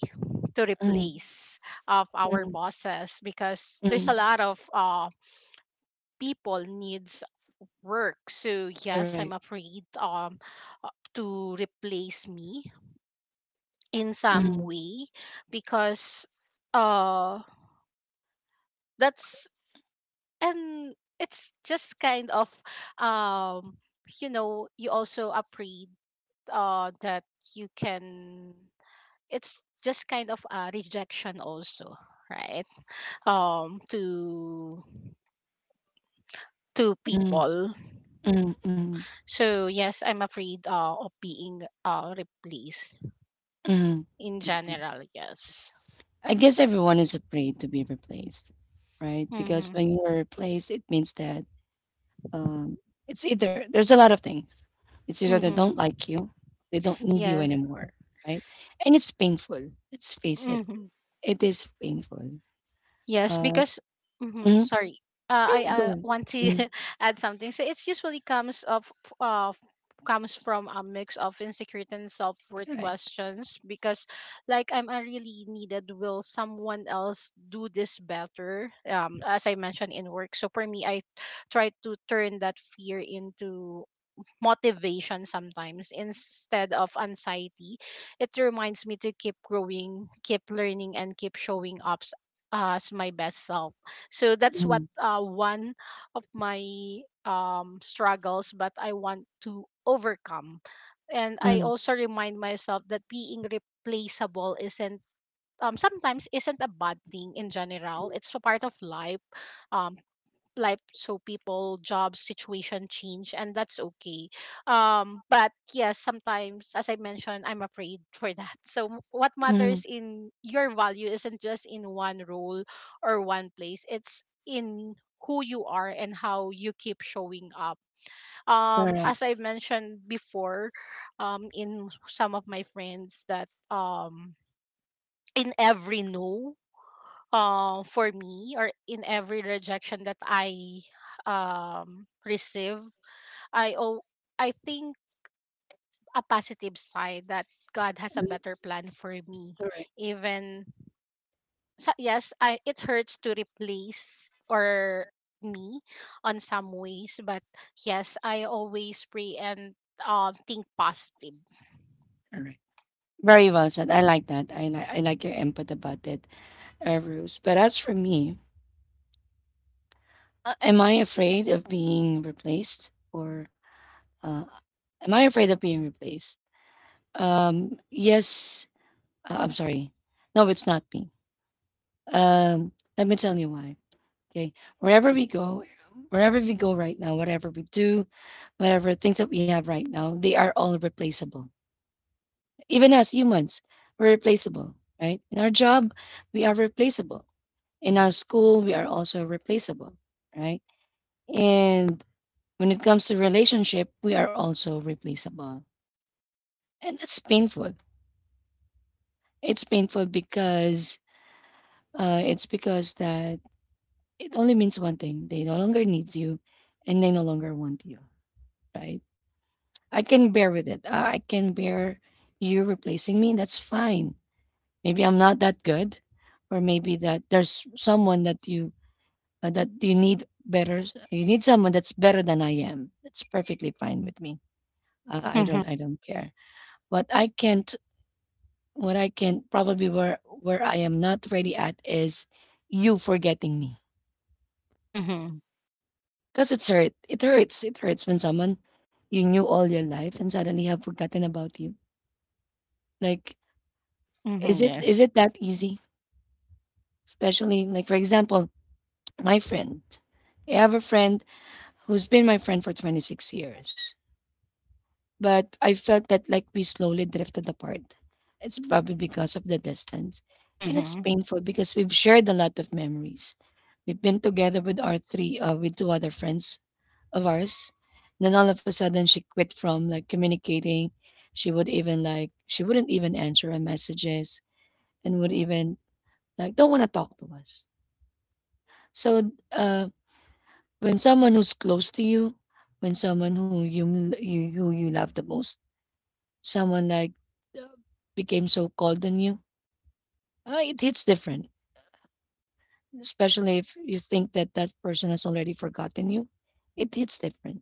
Speaker 2: to
Speaker 1: Mm-hmm.
Speaker 2: replace of our
Speaker 1: Mm,
Speaker 2: bosses because there's a
Speaker 1: mm.
Speaker 2: lot of people needs work. So yes,
Speaker 1: Correct.
Speaker 2: I'm afraid to replace me in some
Speaker 1: Mm-hmm.
Speaker 2: way because uh that's and it's just kind of um you know, you also afraid that you can it's just kind of a rejection also, right? To to
Speaker 1: Mm-hmm.
Speaker 2: people.
Speaker 1: Mm, mm,
Speaker 2: So yes, I'm afraid, of being replaced
Speaker 1: mm.
Speaker 2: in
Speaker 1: Okay.
Speaker 2: general, yes.
Speaker 1: I guess everyone is afraid to be replaced, right? Because
Speaker 2: Mm-hmm.
Speaker 1: when you're replaced, it means that Um, it's either there's a lot of things. It's either they don't
Speaker 2: Mm-hmm.
Speaker 1: like you, they don't need you
Speaker 2: Yes.
Speaker 1: anymore, right? And it's painful. Let's face it,
Speaker 2: Mm-hmm.
Speaker 1: it is painful.
Speaker 2: Yes,
Speaker 1: Uh,
Speaker 2: because mhm.
Speaker 1: mm,
Speaker 2: Sorry,
Speaker 1: so
Speaker 2: I
Speaker 1: you do it.
Speaker 2: want to
Speaker 1: Mm.
Speaker 2: [laughs] add something. So it's usually comes of uh, comes from a mix of insecurity and self worth
Speaker 1: Correct.
Speaker 2: questions because, like, am I really needed? Will someone else do this better? As I mentioned, in work. So for me, I try to turn that fear into motivation sometimes instead of anxiety. It reminds me to keep growing, keep learning, and keep showing up as my best self. So that's what
Speaker 1: Mm,
Speaker 2: one of my struggles, but I want to overcome. And I
Speaker 1: mm,
Speaker 2: also remind myself that being replaceable isn't um, sometimes isn't a bad thing in general. It's a part of life. Um, life so people, job situation change, and that's okay. Um, but yes, sometimes, as I mentioned, I'm afraid [laughs] for that. So m- what
Speaker 1: mm.
Speaker 2: matters in your value isn't just in one role or one place, it's in who you are and how you keep showing up, um, as
Speaker 1: Correct.
Speaker 2: I mentioned before, in some of my friends that in every no for me, or in every rejection that I receive, I I think a positive side, that God has a
Speaker 1: Mm.
Speaker 2: better plan for me,
Speaker 1: Correct.
Speaker 2: even. So yes, I, it hurts to replace or me on some ways, but yes, I always pray and think positive.
Speaker 1: Correct. Very well said. I like that. I like your input about it, Ruth. But as for me, am I afraid of being replaced or uh, am I afraid of being replaced? Yes, I'm sorry. No, it's not me. Um, Let me tell you why. Okay. Wherever we go, wherever we go right now, whatever we do, whatever things that we have right now, they are all replaceable. Even as humans, we're replaceable, right? In our job, we are replaceable. In our school, we are also replaceable, right? And when it comes to relationship, we are also replaceable. And that's painful. It's painful because it's because that It only means one thing. They no longer need you and they no longer want you, right? I can bear with it. I can bear you replacing me. That's fine. Maybe I'm not that good or maybe that there's someone that you need better. You need someone that's better than I am. That's perfectly fine with me. I
Speaker 2: Mm-hmm.
Speaker 1: don't I don't care. What I can't what I can probably where I am not ready at is you forgetting me.
Speaker 2: Mm-hmm.
Speaker 1: 'Cause it's hurt. It hurts. It hurts when someone you knew all your life and suddenly have forgotten about you. Like,
Speaker 2: Mm-hmm.
Speaker 1: is it is
Speaker 2: Yes.
Speaker 1: it that easy? Especially like for example, my friend. I have a friend who's been my friend for 26 years, but I felt that like we slowly drifted apart. It's probably because of the distance. And it's
Speaker 2: Mm-hmm.
Speaker 1: painful because we've shared a lot of memories. We've been together with our three with two other friends of ours. Then all of a sudden she quit from like communicating. She wouldn't even answer our messages and would even like don't want to talk to us. So when someone who's close to you, when someone who you love the most, someone like uh, became so cold on you, it hits different. Especially if you think that that person has already forgotten you, it hits different.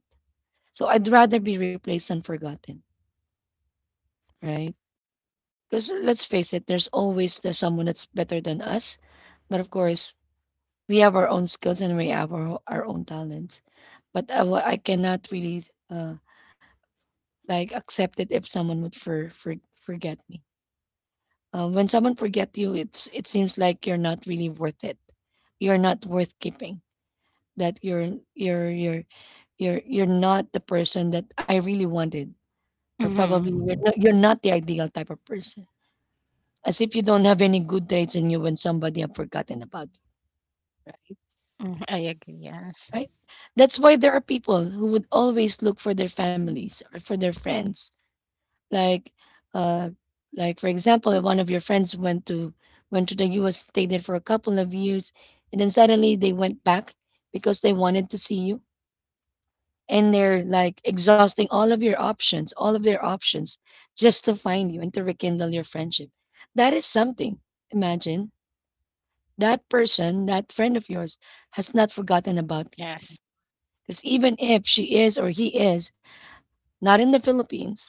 Speaker 1: So I'd rather be replaced than forgotten, right? Because let's face it, there's always the someone that's better than us. But of course, we have our own skills and we have our own talents. But I cannot really like accept it if someone would forget me. When someone forget you, it seems like you're not really worth it. You're not worth keeping. That you're not the person that I really wanted, or probably you're
Speaker 2: Mm-hmm.
Speaker 1: not, you're not the ideal type of person, as if you don't have any good traits in you when somebody have forgotten about you, right?
Speaker 2: Mm-hmm. I agree. Yes.
Speaker 1: Right? That's why there are people who would always look for their families or for their friends. Like, uh, like for example, one of your friends went to the U.S., stayed there for a couple of years, and then suddenly they went back because they wanted to see you, and they're like exhausting all of your options, all of their options, just to find you and to rekindle your friendship. That is something. Imagine that person, that friend of yours, has not forgotten about you.
Speaker 2: Yes.
Speaker 1: Because even if she is or he is not in the Philippines,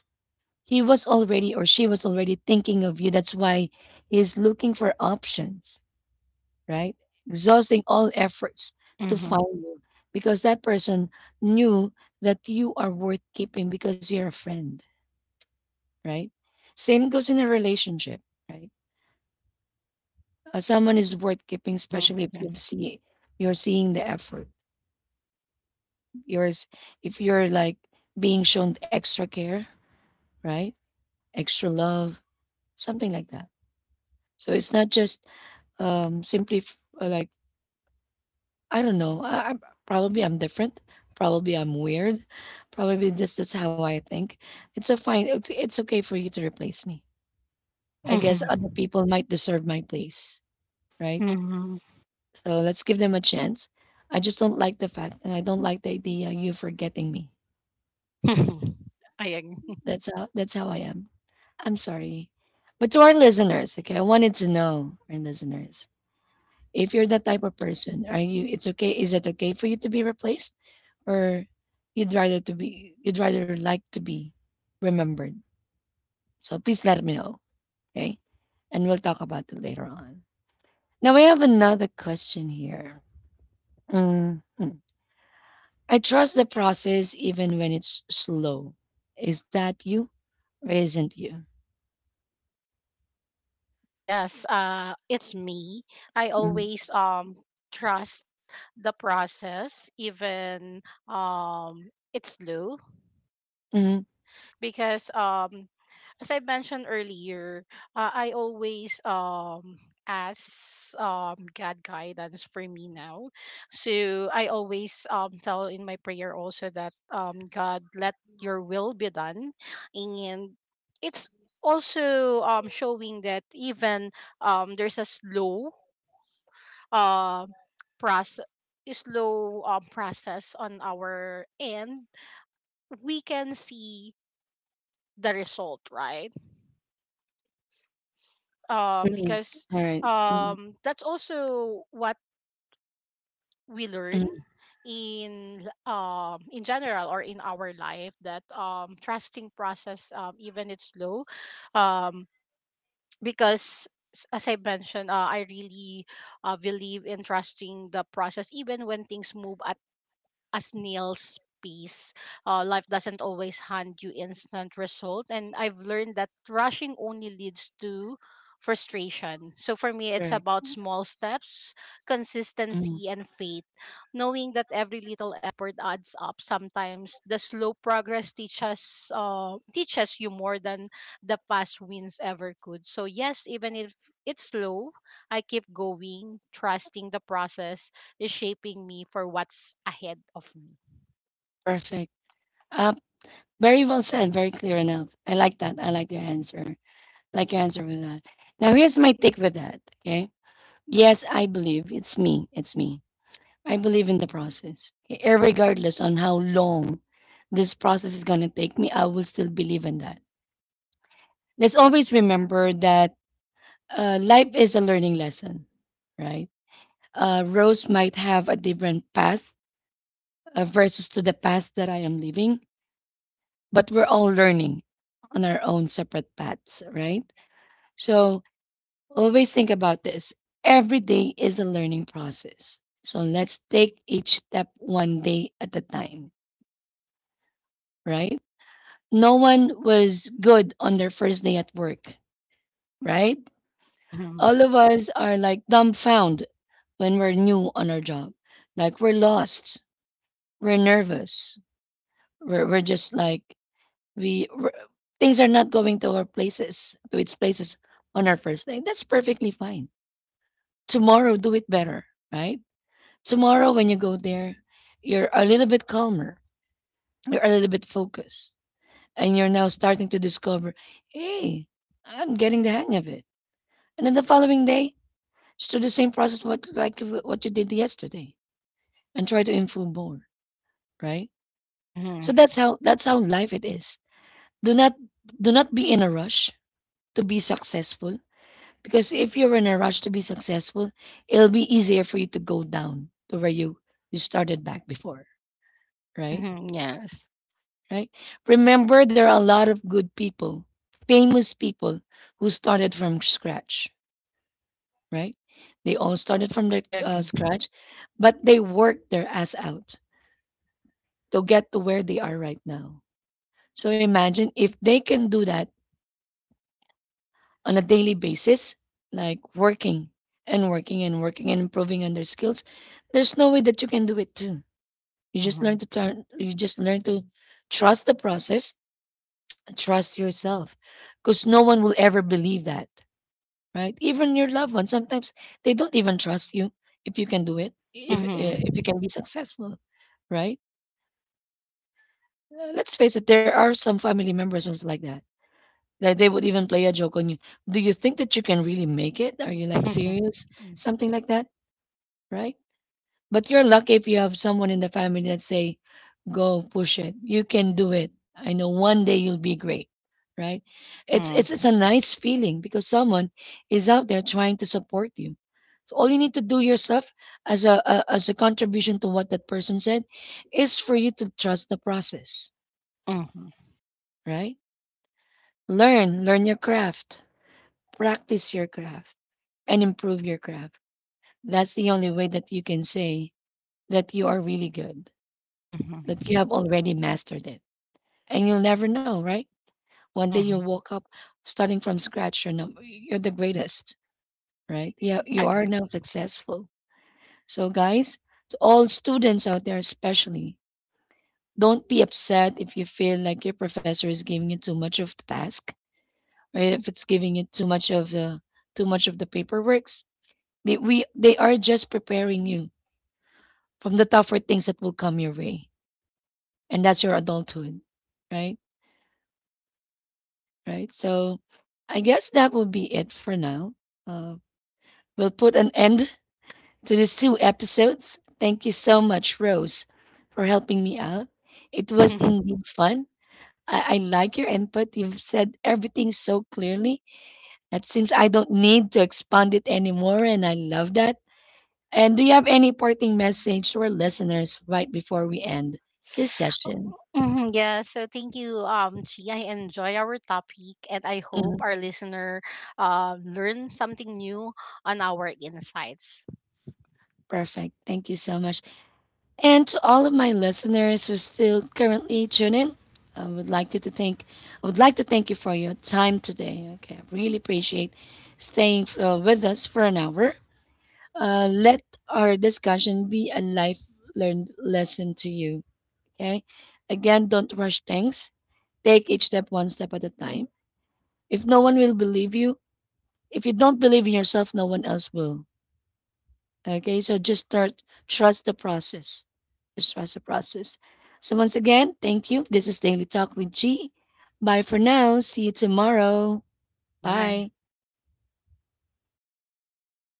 Speaker 1: he was already or she was already thinking of you. That's why he's looking for options, right? Exhausting all efforts to
Speaker 2: Mm-hmm.
Speaker 1: find you because that person knew that you are worth keeping because you're a friend, right? Same goes in a relationship, right? Someone is worth keeping,
Speaker 2: Mm-hmm.
Speaker 1: especially if
Speaker 2: Yes.
Speaker 1: you're seeing the effort yours, if you're like being shown extra care, right? Extra love, something like that. So it's not just simply like I don't know. I Probably I'm different. Probably I'm weird. Probably this is how I think. It's a fine. It's okay for you to replace me. I guess
Speaker 2: Mm-hmm.
Speaker 1: other people might deserve my place, right? So let's give them a chance. I just don't like the fact and I don't like the idea of you forgetting me.
Speaker 2: Mm-hmm. [laughs] I agree.
Speaker 1: That's how I am. I'm sorry. But to our listeners, okay, I wanted to know, our listeners, if you're that type of person, are you, it's okay, is it okay for you to be replaced? Or you'd rather like to be remembered? So please let me know, okay? And we'll talk about it later on. Now we have another question here. Mm, mm. I trust the process even when it's slow. Is that you or isn't you?
Speaker 2: Yes, it's me. I
Speaker 1: Mm,
Speaker 2: always trust the process, even it's slow,
Speaker 1: mm, mm,
Speaker 2: because as I mentioned earlier, I always ask God guidance for me now. So I always tell in my prayer also that God, let your will be done. And it's also showing that even there's a um process slow process on our end, we can see the result, right? Um,
Speaker 1: mm.
Speaker 2: because
Speaker 1: All right. Mm,
Speaker 2: that's also what we learn
Speaker 1: mm.
Speaker 2: in in general or in our life, that trusting process even it's slow um, because s- as I mentioned, I really believe in trusting the process, even when things move at as Neil's piece. Life doesn't always hand you instant result, and I've learned that rushing only leads to frustration. So for me, it's
Speaker 1: Correct.
Speaker 2: about small steps,
Speaker 1: Mm.
Speaker 2: consistency, and faith. Knowing that every little effort adds up. Sometimes the slow progress teaches you more than the fast wins ever could. So yes, even if it's slow, I keep going, trusting the process is shaping me for what's ahead of me.
Speaker 1: Perfect. Uh, very well said. Very clear enough. I like that. I like your answer with that. Now, here's my take with that. Okay. Yes, I believe it's me. It's me. I believe in the process. Okay? Irregardless on how long this process is going to take me, I will still believe in that. Let's always remember that life is a learning lesson, right? Rose might have a different path versus to the path that I am living, but we're all learning on our own separate paths, right? So always think about this. Every day is a learning process. So let's take each step one day at a time, right? No one was good on their first day at work, right?
Speaker 2: Mm-hmm.
Speaker 1: All of us are like dumbfounded when we're new on our job. Like we're lost, we're nervous, we're just like we r- things are not going to its places on our first day. That's perfectly fine. Tomorrow, do it better, right? Tomorrow when you go there, you're a little bit calmer, you're a little bit focused, and you're now starting to discover, hey, I'm getting the hang of it. And then the following day, just do the same process what you did yesterday and try to improve more, right?
Speaker 2: Mm-hmm.
Speaker 1: So that's how life it is. Do not do not be in a rush to be successful. Because if you're in a rush to be successful, it'll be easier for you to go down to where you started back before, right?
Speaker 2: Mm-hmm. Yes,
Speaker 1: Right? Remember there are a lot of good people, famous people who started from scratch, right? They all started from the
Speaker 2: I agree.
Speaker 1: scratch, but they worked their ass out to get to where they are right now. So imagine if they can do that on a daily basis, like working and working and working and improving on their skills, there's no way that you can do it too. You just learn
Speaker 2: Mm-hmm.
Speaker 1: to trust the process and trust yourself, because no one will ever believe that, right? Even your loved ones, sometimes they don't even trust you if you can do it, if,
Speaker 2: Mm-hmm.
Speaker 1: uh, if you can be successful, right? Let's face it, there are some family members who's like that. That they would even play a joke on you. Do you think that you can really make it? Are you like
Speaker 2: Mm-hmm.
Speaker 1: serious?
Speaker 2: [laughs]
Speaker 1: Something like that, right? But you're lucky if you have someone in the family that say, "Go push it. You can do it. I know one day you'll be great." Right? It's
Speaker 2: Yeah.
Speaker 1: it's it's a nice feeling because someone is out there trying to support you. So all you need to do yourself as a contribution to what that person said is for you to trust the process,
Speaker 2: Mm-hmm. Mm-hmm.
Speaker 1: right? Learn, learn your craft, practice your craft and improve your craft. That's the only way that you can say that you are really good, that you
Speaker 2: Mm-hmm.
Speaker 1: have already mastered it. And you'll never know, right? One day you'll
Speaker 2: Mm-hmm.
Speaker 1: woke up starting from scratch. You're the greatest, right? Yeah, you are now successful. So, guys, to all students out there, especially, don't be upset if you feel like your professor is giving you too much of the task, or if it's giving you too much of the paperworks. They are just preparing you from the tougher things that will come your way, and that's your adulthood, right? Right. So I guess that will be it for now. Uh, we'll put an end [laughs] to these two episodes. Thank you so much, Rose, for helping me out. It was indeed fun. I like your input. You've said everything so clearly. It seems I don't need to expand it anymore, and I love that. And do you have any parting message to our listeners right before we end this
Speaker 2: Agree.
Speaker 1: session?
Speaker 2: [laughs] Mhm. Yeah, so thank you, Chi. I enjoy our topic, and I hope
Speaker 1: Mhm.
Speaker 2: our listener learn something new on our insights.
Speaker 1: Perfect. Thank you so much. And to all of my listeners who still currently tune in, I would like you to thank I would like to thank you for your time today. Okay, I really appreciate staying with us for an hour. Let our discussion be a life learned lesson to you. Okay, again, don't rush things. Take each step one step at a time. If no one will believe you, if you don't believe in yourself, no one else will. Okay, so just start. Trust the process. The stressful process. So, once again, thank you. This is Daily Talk with G. Bye for now. See you tomorrow.
Speaker 2: Bye.
Speaker 1: Bye.